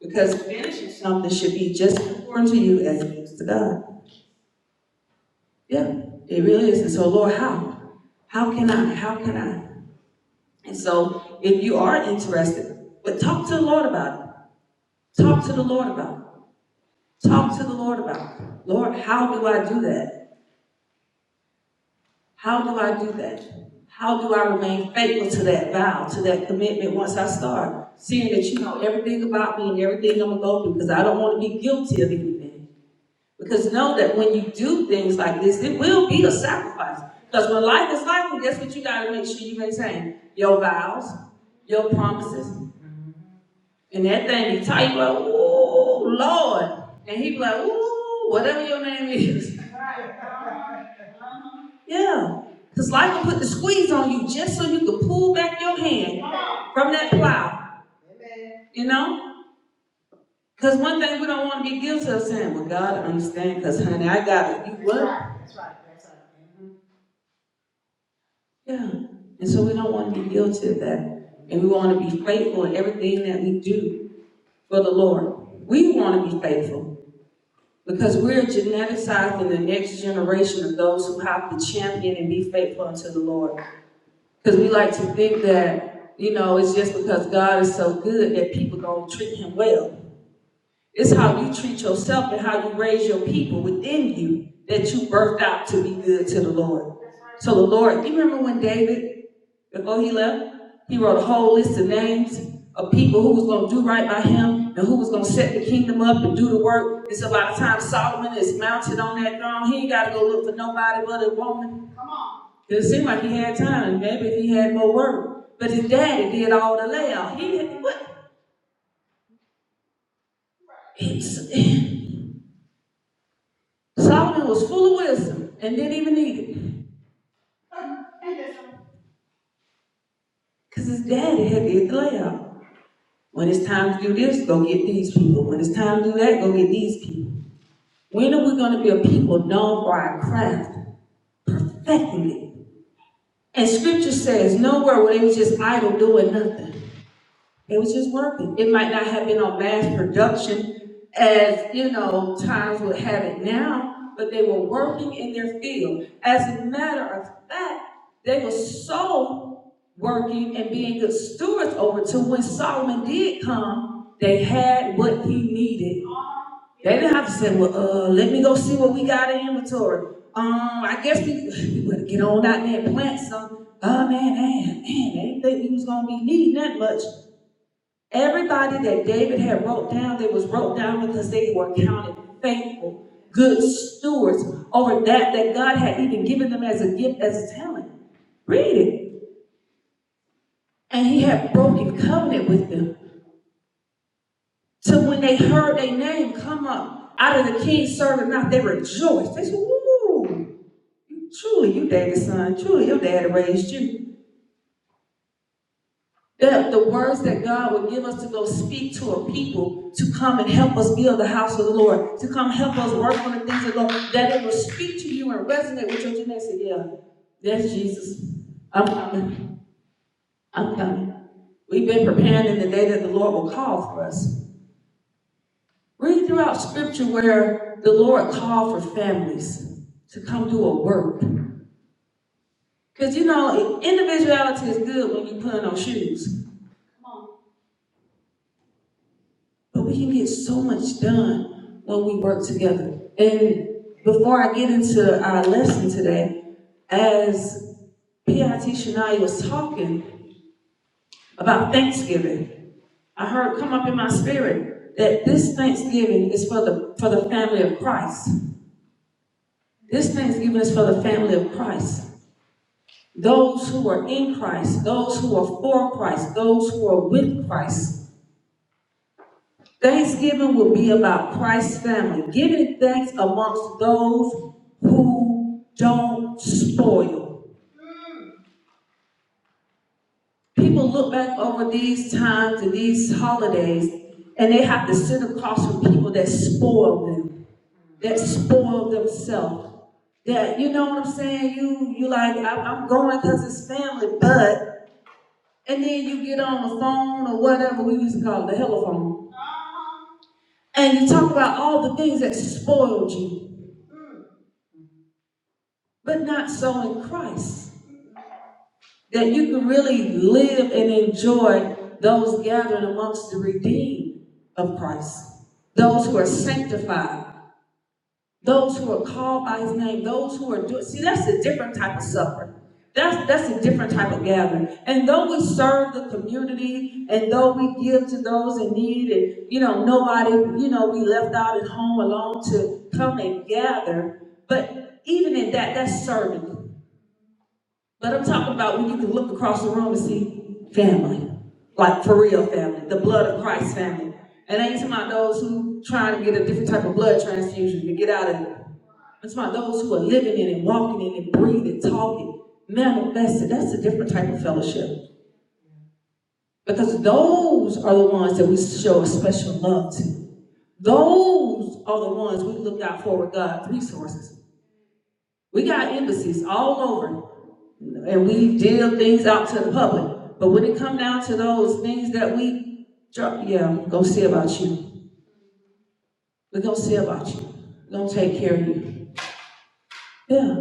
S2: because finishing something should be just as important to you as it is to God. Yeah, it really is. And so, Lord, how? How can I? How can I? And so, if you are interested, but talk to the Lord about it. Talk to the Lord about it. Talk to the Lord about it. Lord, how do I do that? How do I do that? How do I remain faithful to that vow, to that commitment once I start? Seeing that you know everything about me and everything I'm gonna go through, because I don't want to be guilty of anything. Because know that when you do things like this, it will be a sacrifice. Because when life is life, guess what you gotta make sure you maintain? Your vows, your promises, and that thing be tight, like, oh Lord. And he be like, ooh, whatever your name is. Yeah, because life will put the squeeze on you just so you can pull back your hand from that plow. You know? Because one thing we don't want to be guilty of saying, well, God, I understand, because, honey, I got it. You what? That's right. That's right. Yeah. And so we don't want to be guilty of that. And we want to be faithful in everything that we do for the Lord. We want to be faithful because we're geneticizing the next generation of those who have to champion and be faithful unto the Lord. Because we like to think that, you know, it's just because God is so good that people gonna treat him well. It's how you treat yourself and how you raise your people within you that you birthed out to be good to the Lord. So the Lord, you remember when David before he left, he wrote a whole list of names of people who was gonna do right by him and who was gonna set the kingdom up and do the work. And so by the time Solomon is mounted on that throne, he ain't gotta go look for nobody but a woman. Come on. It seemed like he had time, maybe if he had more work. But his daddy did all the layout. He didn't, what? it's- Solomon was full of wisdom and didn't even need it. Cause his daddy had did the layout. When it's time to do this, go get these people. When it's time to do that, go get these people. When are we going to be a people known for our craft, perfecting it? And scripture says nowhere where they was just idle doing nothing. It was just working. It might not have been on mass production as, you know, times would have it now, but they were working in their field. As a matter of fact, they were so working and being good stewards over to when Solomon did come, they had what he needed. They didn't have to say, well, uh, let me go see what we got in inventory. Um, I guess we, we better get on out there and plant some. Oh man, man, man, they didn't think we was gonna be needing that much. Everybody that David had wrote down, they was wrote down because they were counted faithful, good stewards over that that God had even given them as a gift, as a talent. Read it. And he had broken covenant with them. So when they heard their name come up out of the king's servant mouth, they rejoiced. They said, Ooh, truly you David's son. Truly your daddy raised you. The, the words that God would give us to go speak to a people to come and help us build the house of the Lord, to come help us work on the things of the Lord, that it will speak to you and resonate with your genesis. Yeah, that's Jesus. I'm coming. I'm coming. We've been preparing in the day that the Lord will call for us. Read throughout scripture where the Lord called for families to come do a work. Because you know, individuality is good when you put on shoes. But we can get so much done when we work together. And before I get into our lesson today, as PIT Shania was talking about Thanksgiving, I heard come up in my spirit that this Thanksgiving is for the for the family of Christ. This Thanksgiving is for the family of Christ. Those who are in Christ, those who are for Christ, those who are with Christ. Thanksgiving will be about Christ's family, giving thanks amongst those who don't spoil. People look back over these times and these holidays, and they have to sit across from people that spoil them, that spoil themselves. That you know what I'm saying? You you like I, am going because it's family, but and then you get on the phone or whatever we used to call it, the hella phone, and you talk about all the things that spoiled you but not so in Christ. That you can really live and enjoy those gathered amongst the redeemed of Christ, those who are sanctified, those who are called by his name, those who are doing. See, that's a different type of supper. That's, that's a different type of gathering. And though we serve the community and though we give to those in need, and you know, nobody, you know, we left out at home alone to come and gather, but even in that, that's serving. But I'm talking about when you can look across the room and see family, like for real family, the blood of Christ family. And I ain't talking about those who trying to get a different type of blood transfusion to get out of it. I'm talking about those who are living in it, walking in it, breathing, talking, manifested. That's a different type of fellowship. Because those are the ones that we show a special love to. Those are the ones we look out for with God's resources. We got embassies all over, and we deal things out to the public. But when it come down to those things that we drop, yeah, I'm gonna see about you. We're gonna see about you. We're gonna take care of you. Yeah.